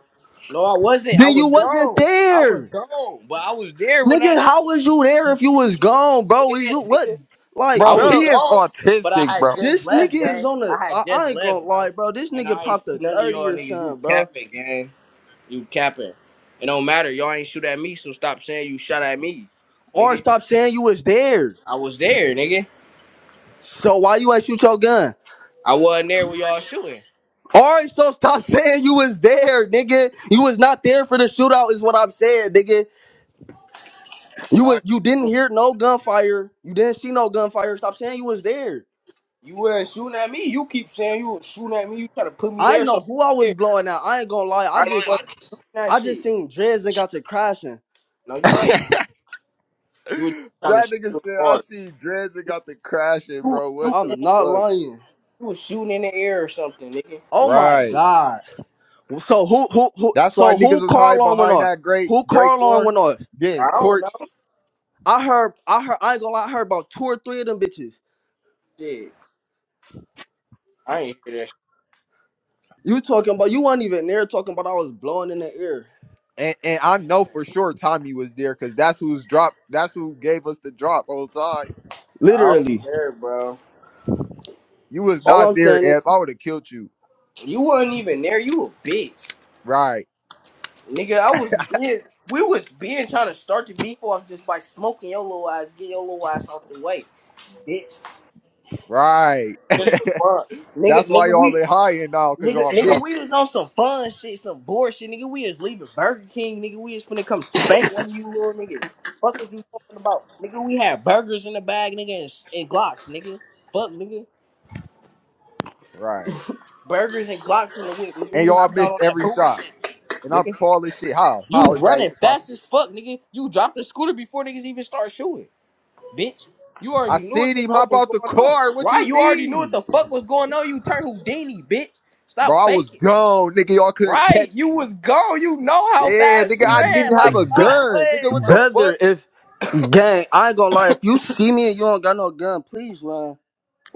Speaker 3: No, I wasn't. I
Speaker 4: Then you
Speaker 3: was
Speaker 4: wasn't
Speaker 3: gone. I was
Speaker 4: there.
Speaker 3: gone, but I was there when
Speaker 4: Nigga,
Speaker 3: that shit
Speaker 4: how
Speaker 3: was.
Speaker 4: was you there
Speaker 3: You
Speaker 4: if you
Speaker 3: feel
Speaker 4: was
Speaker 3: me?
Speaker 4: gone, bro? Is
Speaker 3: Yeah,
Speaker 4: you what?
Speaker 3: nigga.
Speaker 4: Like,
Speaker 3: I
Speaker 1: Bro,
Speaker 3: was
Speaker 4: bro,
Speaker 1: he is
Speaker 3: gone, but I
Speaker 1: autistic,
Speaker 3: had
Speaker 1: bro.
Speaker 3: just
Speaker 4: this
Speaker 3: left,
Speaker 4: nigga is
Speaker 3: bro.
Speaker 4: on the.
Speaker 3: I had
Speaker 4: I,
Speaker 3: just
Speaker 4: I ain't gonna
Speaker 3: left,
Speaker 4: lie,
Speaker 3: bro,
Speaker 4: bro. This
Speaker 3: and
Speaker 4: nigga
Speaker 3: I ain't
Speaker 4: popped
Speaker 3: see
Speaker 4: a
Speaker 3: none of
Speaker 4: 30
Speaker 3: y'all
Speaker 4: or
Speaker 3: niggas. You
Speaker 4: something, bro.
Speaker 3: capping, gang. You capping. It don't matter. Y'all ain't shoot at me, so stop saying you shot at me,
Speaker 4: Or
Speaker 3: nigga.
Speaker 4: stop saying you was there.
Speaker 3: I was there, nigga.
Speaker 4: So why you ain't shoot your gun?
Speaker 3: I wasn't there when y'all shooting.
Speaker 4: All right, so stop saying you was there, nigga. You was not there for the shootout, is what I'm saying, nigga. You
Speaker 3: All
Speaker 4: was you didn't
Speaker 3: right.
Speaker 4: hear no gunfire. You didn't see no gunfire. Stop saying you was there.
Speaker 3: You wasn't shooting at me. You keep saying you was shooting at me. You try to put me
Speaker 4: I ain't
Speaker 3: there, so
Speaker 4: know
Speaker 3: I'm
Speaker 4: who I was
Speaker 3: there.
Speaker 4: blowing out. I ain't gonna lie. I
Speaker 3: Right? You
Speaker 4: just
Speaker 3: wasn't shooting that
Speaker 4: I just
Speaker 3: shit.
Speaker 4: seen Drez and got to crashing.
Speaker 3: No, you didn't.
Speaker 1: That
Speaker 3: You was trying to shoot
Speaker 1: nigga
Speaker 3: too
Speaker 1: said I
Speaker 3: hard.
Speaker 1: see Dredzik got the crashing,
Speaker 3: You, was-
Speaker 1: bro. What the
Speaker 4: I'm not
Speaker 1: fuck?
Speaker 4: lying.
Speaker 3: you was shooting in the air or something, nigga.
Speaker 4: Oh my
Speaker 1: Right.
Speaker 4: god. So who who who?
Speaker 1: That's why
Speaker 4: So
Speaker 1: niggas
Speaker 4: who
Speaker 1: was
Speaker 4: car
Speaker 1: hiding
Speaker 4: alarm went
Speaker 1: behind
Speaker 4: off?
Speaker 1: that great
Speaker 4: Who
Speaker 1: great
Speaker 4: car alarm
Speaker 1: core,
Speaker 4: went off?
Speaker 1: getting
Speaker 3: I don't know.
Speaker 1: torched.
Speaker 4: I heard I heard I ain't gonna lie. I heard about two or three of them bitches.
Speaker 3: Shit. I ain't hear that shit.
Speaker 4: You talking about you weren't even there talking about I was blowing in the air.
Speaker 1: And and I know for sure Tommy was there because that's who's dropped. That's who gave us the drop whole time.
Speaker 3: I don't
Speaker 4: Literally,
Speaker 3: care, bro.
Speaker 1: You was
Speaker 4: all
Speaker 1: not
Speaker 4: I'm
Speaker 1: there,
Speaker 4: saying
Speaker 1: F. I would have killed you.
Speaker 3: You wasn't even there. You a bitch.
Speaker 1: Right,
Speaker 3: Nigga, I was being, we was being trying to start the beef off just by smoking your little ass, get your little ass off the way, bitch.
Speaker 1: right.
Speaker 3: Just for
Speaker 1: that's
Speaker 3: fun, nigga,
Speaker 1: why
Speaker 3: nigga,
Speaker 1: y'all
Speaker 3: we,
Speaker 1: in high now because
Speaker 3: nigga,
Speaker 1: y'all
Speaker 3: nigga,
Speaker 1: missed.
Speaker 3: we was on some fun shit, some bullshit, nigga. We is leaving Burger King, nigga. We is finna come spank one of you little niggas. Fuck is you talking about, nigga? We had burgers in the bag, nigga, and, and Glocks, nigga. Fuck, nigga,
Speaker 1: Right,
Speaker 3: burgers and Glocks in the whip, nigga.
Speaker 1: and
Speaker 3: We
Speaker 1: y'all
Speaker 3: hopped out
Speaker 1: missed
Speaker 3: on that
Speaker 1: every shot.
Speaker 3: bullshit,
Speaker 1: And I'm
Speaker 3: nigga.
Speaker 1: tall as shit. How?
Speaker 3: You
Speaker 1: How is that
Speaker 3: running
Speaker 1: even
Speaker 3: fast as
Speaker 1: possible?
Speaker 3: fuck, nigga. You dropped the scooter before niggas even start shooting. bitch. You
Speaker 1: I
Speaker 3: already knew what
Speaker 1: seen
Speaker 3: the
Speaker 1: him
Speaker 3: fuck
Speaker 1: hop
Speaker 3: was
Speaker 1: out the
Speaker 3: going on.
Speaker 1: car. What
Speaker 3: Right,
Speaker 1: you
Speaker 3: you already knew what
Speaker 1: mean,
Speaker 3: the fuck was going on. You turned Houdini, bitch.
Speaker 1: bro?
Speaker 3: Stop
Speaker 1: I was
Speaker 3: faking.
Speaker 1: gone, nigga. Y'all couldn't
Speaker 3: Right,
Speaker 1: catch
Speaker 3: you
Speaker 1: me.
Speaker 3: was gone. You know how
Speaker 1: Yeah,
Speaker 3: fast
Speaker 1: nigga,
Speaker 3: you
Speaker 1: I
Speaker 3: ran.
Speaker 1: didn't have
Speaker 3: Like,
Speaker 4: is
Speaker 1: a
Speaker 3: stop
Speaker 1: gun. Nigga,
Speaker 4: be-
Speaker 1: what
Speaker 3: playing.
Speaker 1: the
Speaker 3: Like,
Speaker 4: better
Speaker 1: fuck?
Speaker 4: if gang. I ain't gonna lie. If you see me and you don't got no gun, please run.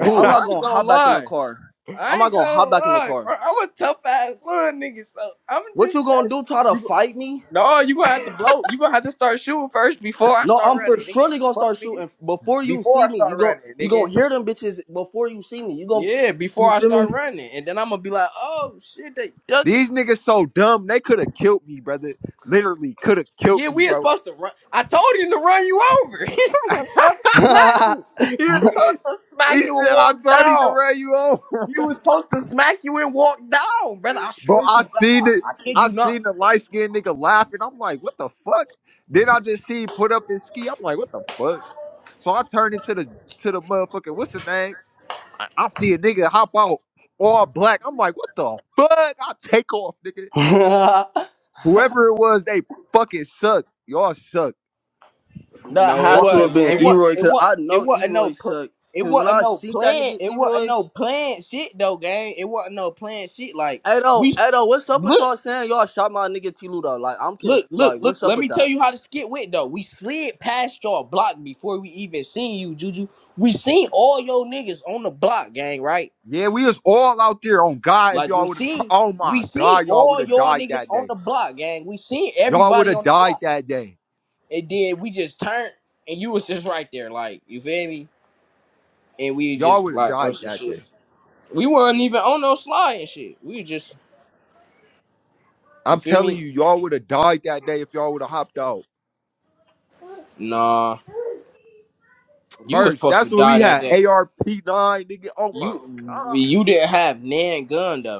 Speaker 4: Cause I'm
Speaker 3: ooh,
Speaker 4: not
Speaker 3: I ain't
Speaker 4: gonna hop
Speaker 3: gonna
Speaker 4: back in the
Speaker 3: lie.
Speaker 4: car.
Speaker 3: I
Speaker 4: I'm not
Speaker 3: ain't
Speaker 4: gonna hop
Speaker 3: gonna
Speaker 4: back in the
Speaker 3: lie,
Speaker 4: car.
Speaker 3: bro. I'm a tough ass little nigga, so I'm
Speaker 4: What
Speaker 3: just
Speaker 4: you gonna do?
Speaker 3: testing
Speaker 4: Try to
Speaker 3: you. go-
Speaker 4: fight me?
Speaker 3: No, you gonna have to blow. You gonna have to start shooting first before I
Speaker 4: No,
Speaker 3: start
Speaker 4: I'm for
Speaker 3: running, nigga.
Speaker 4: surely gonna start
Speaker 3: Fuck, nigga.
Speaker 4: shooting before you see
Speaker 3: Before I
Speaker 4: me. You
Speaker 3: start
Speaker 4: gon'
Speaker 3: running,
Speaker 4: you gonna
Speaker 3: nigga.
Speaker 4: hear them bitches before you see me. You gon'
Speaker 3: Yeah,
Speaker 4: you
Speaker 3: before I
Speaker 4: feel
Speaker 3: start
Speaker 4: me?
Speaker 3: running, and then I'm gonna be like, "Oh shit, they ducking
Speaker 1: These niggas so dumb, they could have killed me, brother. Literally, could have killed
Speaker 3: Yeah,
Speaker 1: me,
Speaker 3: we are
Speaker 1: bro.
Speaker 3: supposed to run. I told him to run you over. He was supposed to smack you. He was supposed to
Speaker 1: He
Speaker 3: smack you and
Speaker 1: said, I
Speaker 3: walk
Speaker 1: told him to
Speaker 3: down.
Speaker 1: ran you over.
Speaker 3: He was supposed to smack you and walk down, brother. I
Speaker 1: Bro,
Speaker 3: swear to
Speaker 1: I
Speaker 3: God,
Speaker 1: seen it.
Speaker 3: I kid
Speaker 1: I
Speaker 3: you
Speaker 1: seen
Speaker 3: not.
Speaker 1: the light skinned nigga laughing. I'm like, what the fuck? Then I just see him put up his ski. I'm like, what the fuck? So I turned into the to the motherfucker, what's the name? I, I see a nigga hop out all black. I'm like, what the fuck? I take off, nigga. Whoever it was, they fucking suck. Y'all suck.
Speaker 4: that
Speaker 3: No, it
Speaker 1: Y'all
Speaker 4: had to
Speaker 1: can't
Speaker 4: have
Speaker 3: wasn't.
Speaker 4: been
Speaker 3: It
Speaker 1: aim.
Speaker 3: wasn't.
Speaker 4: Eroy,
Speaker 3: It
Speaker 4: cause
Speaker 3: wasn't.
Speaker 4: I
Speaker 3: It
Speaker 4: know
Speaker 3: wasn't no.
Speaker 4: Eroy
Speaker 3: Pl-
Speaker 4: suck.
Speaker 3: it
Speaker 4: Cause when
Speaker 3: wasn't
Speaker 4: I
Speaker 3: no
Speaker 4: see that
Speaker 3: plan.
Speaker 4: nigga
Speaker 3: It wasn't
Speaker 4: Eroy.
Speaker 3: no plan shit though, gang. It wasn't no plan shit. Like
Speaker 4: Hey, though,
Speaker 3: we
Speaker 4: hey,
Speaker 3: s-
Speaker 4: Edo, what's up with
Speaker 3: look.
Speaker 4: y'all saying y'all shot my nigga T Ludo? Like I'm conf-
Speaker 3: Look, look,
Speaker 4: like
Speaker 3: look.
Speaker 4: what's up
Speaker 3: Let
Speaker 4: with
Speaker 3: me tell
Speaker 4: that?
Speaker 3: you how the skit went though. We slid past your block before we even seen you, Juju. We seen all your niggas on the block, gang. Right?
Speaker 1: Yeah, we was all out there on God. If
Speaker 3: Like
Speaker 1: y'all
Speaker 3: we
Speaker 1: would have, tr-
Speaker 3: seen,
Speaker 1: oh
Speaker 3: we
Speaker 1: my
Speaker 3: seen
Speaker 1: God, y'all would
Speaker 3: all
Speaker 1: have
Speaker 3: your
Speaker 1: died
Speaker 3: niggas
Speaker 1: that
Speaker 3: on
Speaker 1: day.
Speaker 3: the block, gang. We seen
Speaker 1: Y'all would
Speaker 3: everybody
Speaker 1: have
Speaker 3: on the
Speaker 1: died
Speaker 3: block.
Speaker 1: that day.
Speaker 3: And then we just turned, and you was just right there, like you feel me? And we
Speaker 1: Y'all
Speaker 3: just
Speaker 1: would have
Speaker 3: like oh
Speaker 1: died
Speaker 3: some
Speaker 1: that
Speaker 3: shit.
Speaker 1: day.
Speaker 3: We weren't even on no slide and shit. We was just you
Speaker 1: I'm
Speaker 3: feel
Speaker 1: telling
Speaker 3: me?
Speaker 1: you, y'all would have died that day if y'all would have hopped out.
Speaker 3: Nah, you was
Speaker 1: Merge.
Speaker 3: supposed to
Speaker 1: That's when we
Speaker 3: die that
Speaker 1: had
Speaker 3: day.
Speaker 1: ARP nine, nigga. Oh my
Speaker 3: You
Speaker 1: God.
Speaker 3: you didn't have nan gun though.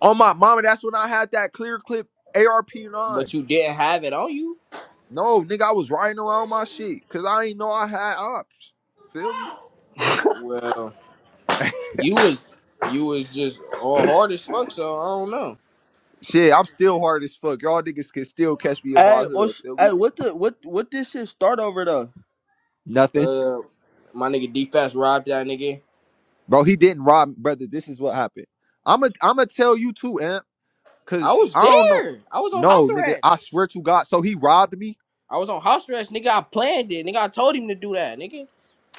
Speaker 1: Oh my mama. That's when I had that clear clip ARP nine.
Speaker 3: but you didn't have it on you.
Speaker 1: No, nigga, I was riding around my shit because I ain't know I had ops. Feel me?
Speaker 3: Well, you was you was just all hard as fuck. So I don't know.
Speaker 1: Shit, I'm still hard as fuck. Y'all niggas can still catch me in my
Speaker 4: Hey, or
Speaker 1: hood.
Speaker 4: sh-
Speaker 1: Feel me?
Speaker 4: hey, what the what what this shit start over though?
Speaker 1: Nothing.
Speaker 3: Uh, my nigga D Fast robbed that nigga.
Speaker 1: Bro, he didn't rob Brother, this is what happened. I'ma I'ma tell you too, Amp, cause
Speaker 3: I was
Speaker 1: I don't know.
Speaker 3: there. I was on
Speaker 1: No,
Speaker 3: house
Speaker 1: nigga,
Speaker 3: arrest.
Speaker 1: I swear to God. So he robbed me.
Speaker 3: I was on house arrest, nigga. I planned it, nigga. I told him to do that, nigga.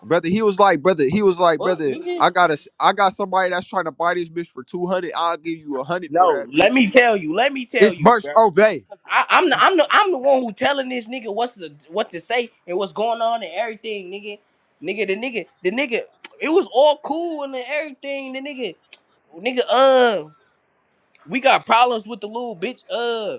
Speaker 1: Brother, he was like, brother, he was like,
Speaker 3: What,
Speaker 1: brother,
Speaker 3: nigga?
Speaker 1: I got a, I got somebody that's trying to buy this bitch for 200. I'll give you a 100 for
Speaker 3: No,
Speaker 1: that
Speaker 3: let
Speaker 1: bitch.
Speaker 3: me tell you. Let me tell
Speaker 1: It's
Speaker 3: you,
Speaker 1: Burst
Speaker 3: bro.
Speaker 1: Obey.
Speaker 3: I, I'm the, I'm the, I'm the one who telling this nigga what's the what to say and what's going on and everything, nigga. Nigga, the nigga, the nigga, it was all cool and everything. The nigga, nigga, uh, we got problems with the little bitch, uh,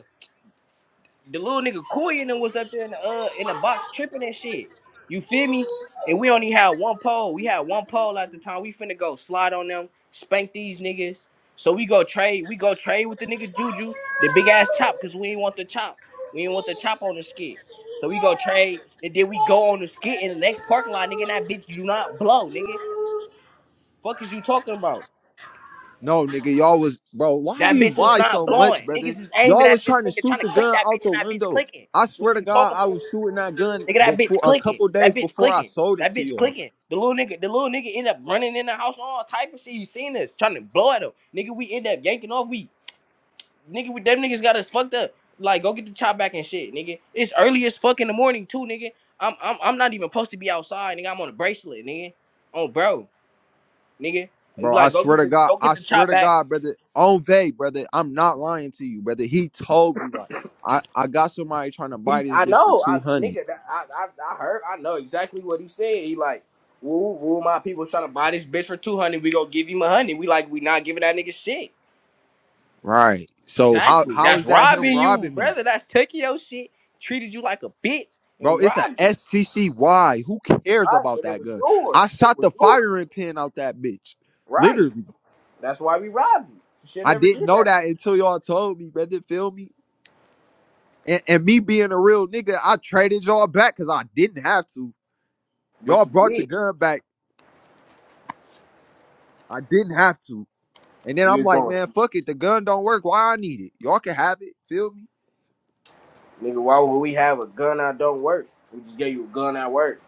Speaker 3: the little nigga Koy and them was up there in the uh in the box tripping and shit. You feel me? And we only had one pole. We had one pole at the time. We finna go slide on them, spank these niggas. So we go trade. We go trade with the nigga Juju, the big ass chop, cause we ain't want the chop. We ain't want the chop on the skit. So we go trade, and then we go on the skit in the next parking lot, nigga. And that bitch do not blow, nigga. Fuck is you talking about?
Speaker 1: No, nigga, y'all was, bro, why do
Speaker 3: That
Speaker 1: you
Speaker 3: bitch was
Speaker 1: lie
Speaker 3: not
Speaker 1: so much,
Speaker 3: blowing.
Speaker 1: brother?
Speaker 3: Niggas is aiming
Speaker 1: Y'all was
Speaker 3: at this
Speaker 1: trying to
Speaker 3: nigga,
Speaker 1: shoot
Speaker 3: trying to
Speaker 1: the
Speaker 3: click
Speaker 1: gun
Speaker 3: that
Speaker 1: out
Speaker 3: bitch,
Speaker 1: the
Speaker 3: and that bitch
Speaker 1: window.
Speaker 3: clicking.
Speaker 1: I
Speaker 3: What
Speaker 1: swear
Speaker 3: is
Speaker 1: to
Speaker 3: you
Speaker 1: God,
Speaker 3: talking
Speaker 1: I
Speaker 3: about?
Speaker 1: was shooting that gun
Speaker 3: Nigga, that bitch
Speaker 1: before, a
Speaker 3: clicking.
Speaker 1: couple
Speaker 3: That
Speaker 1: days
Speaker 3: bitch
Speaker 1: before I
Speaker 3: clicking.
Speaker 1: sold it
Speaker 3: That
Speaker 1: to
Speaker 3: bitch
Speaker 1: y'all.
Speaker 3: clicking. The little nigga, the little nigga end up running in the house, all type of shit. You seen this? Trying to blow at him. Nigga, we end up yanking off. We nigga, we them niggas got us fucked up. Like, go get the chop back and shit, nigga. It's early as fuck in the morning too, nigga. I'm I'm I'm not even supposed to be outside, nigga. I'm on a bracelet, nigga. Oh, bro, nigga.
Speaker 1: Bro, I
Speaker 3: Like, go
Speaker 1: swear
Speaker 3: get
Speaker 1: to
Speaker 3: the
Speaker 1: God,
Speaker 3: go get
Speaker 1: I
Speaker 3: the
Speaker 1: swear
Speaker 3: chop
Speaker 1: to
Speaker 3: back.
Speaker 1: God, brother, on vague, brother, I'm not lying to you, brother. He told me like, I, I got somebody trying to buy
Speaker 3: He,
Speaker 1: this
Speaker 3: I
Speaker 1: bitch for
Speaker 3: know, I
Speaker 1: two hundred,
Speaker 3: nigga, that- I, I, I heard, I know exactly what he said. He like, woo, woo, my people trying to buy this bitch for two hundred. We gonna give him a hundred. We like, we not giving that nigga shit.
Speaker 1: right? So how
Speaker 3: Exactly.
Speaker 1: how
Speaker 3: That's
Speaker 1: is that him
Speaker 3: robbing you,
Speaker 1: robbing me,
Speaker 3: brother. That's taking your shit. Treated you like a bitch, and
Speaker 1: bro?
Speaker 3: we
Speaker 1: It's a
Speaker 3: robbed you.
Speaker 1: SCCY. Who cares
Speaker 3: Right,
Speaker 1: about
Speaker 3: and it
Speaker 1: that
Speaker 3: was
Speaker 1: gun? I
Speaker 3: yours. It
Speaker 1: shot
Speaker 3: was
Speaker 1: the
Speaker 3: yours.
Speaker 1: firing pin out that bitch,
Speaker 3: Right.
Speaker 1: literally.
Speaker 3: That's why we robbed you. You should
Speaker 1: I
Speaker 3: never
Speaker 1: didn't
Speaker 3: did
Speaker 1: know
Speaker 3: that shit.
Speaker 1: that until y'all told me, brother. Feel me? And, and me being a real nigga, I traded y'all back because I didn't have to.
Speaker 3: But
Speaker 1: Y'all
Speaker 3: you
Speaker 1: brought the
Speaker 3: did.
Speaker 1: gun back. I didn't have to. And then
Speaker 3: We
Speaker 1: I'm
Speaker 3: was
Speaker 1: like,
Speaker 3: going,
Speaker 1: man, fuck it. The gun don't work. Why I need it? Y'all can have it. Feel me?
Speaker 3: nigga. Why would we have a gun that don't work? We just gave you a gun that work.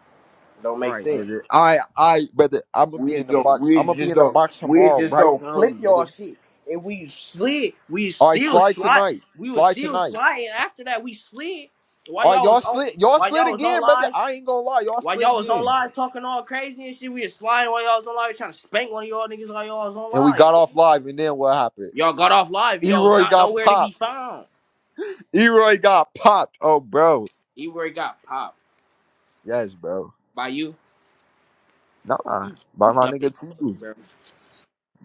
Speaker 3: Don't make
Speaker 1: Right,
Speaker 3: sense.
Speaker 1: brother. I, I, brother. I'm gonna be
Speaker 3: We
Speaker 1: in
Speaker 3: just
Speaker 1: the
Speaker 3: go,
Speaker 1: box.
Speaker 3: we
Speaker 1: I'm gonna be
Speaker 3: just
Speaker 1: in the
Speaker 3: go,
Speaker 1: box
Speaker 3: we
Speaker 1: tomorrow,
Speaker 3: just
Speaker 1: bright
Speaker 3: go
Speaker 1: and early,
Speaker 3: flip
Speaker 1: brother.
Speaker 3: y'all shit. And we slid, we
Speaker 1: All right,
Speaker 3: still
Speaker 1: slide
Speaker 3: slide,
Speaker 1: tonight.
Speaker 3: we was
Speaker 1: Slide
Speaker 3: still
Speaker 1: tonight.
Speaker 3: sliding. After that, we slid. While
Speaker 1: All right,
Speaker 3: y'all was
Speaker 1: y'all
Speaker 3: on,
Speaker 1: slid. Y'all
Speaker 3: while
Speaker 1: slid
Speaker 3: y'all was on
Speaker 1: again, brother.
Speaker 3: live,
Speaker 1: I ain't gonna lie. Y'all
Speaker 3: while
Speaker 1: slid
Speaker 3: y'all was on
Speaker 1: again.
Speaker 3: live talking all crazy and shit, we was sliding while y'all was on live, trying to spank one of y'all niggas while y'all was on
Speaker 1: And we
Speaker 3: live.
Speaker 1: got off live. And then what happened?
Speaker 3: Y'all got off live, y'all was
Speaker 1: Eroy
Speaker 3: not
Speaker 1: got
Speaker 3: nowhere to be
Speaker 1: popped.
Speaker 3: found.
Speaker 1: Eroy got popped. Oh, bro.
Speaker 3: You where got popped
Speaker 1: Yes, bro.
Speaker 3: by you.
Speaker 1: Nah, by
Speaker 3: You
Speaker 1: my
Speaker 3: dumb as
Speaker 1: nigga T.
Speaker 3: fuck, bro.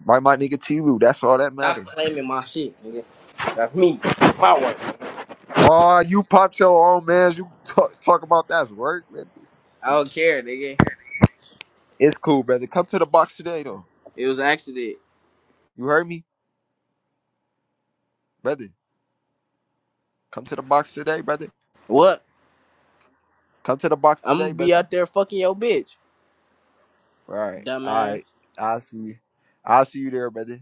Speaker 1: By my nigga T. That's all that matters.
Speaker 3: Stop claiming my shit, nigga. That's me. That's My work.
Speaker 1: Oh, you popped your own man. You talk, talk about that's work, brother.
Speaker 3: I don't care, nigga.
Speaker 1: It's cool, brother. Come to the box today, though.
Speaker 3: It was an accident.
Speaker 1: You heard me, brother. Come to the box today, brother.
Speaker 3: What?
Speaker 1: Come to the box
Speaker 3: I'm gonna
Speaker 1: today, brother.
Speaker 3: be out there fucking your bitch,
Speaker 1: All right, all
Speaker 3: dumbass.
Speaker 1: right. I'll see you. I'll see you there, brother.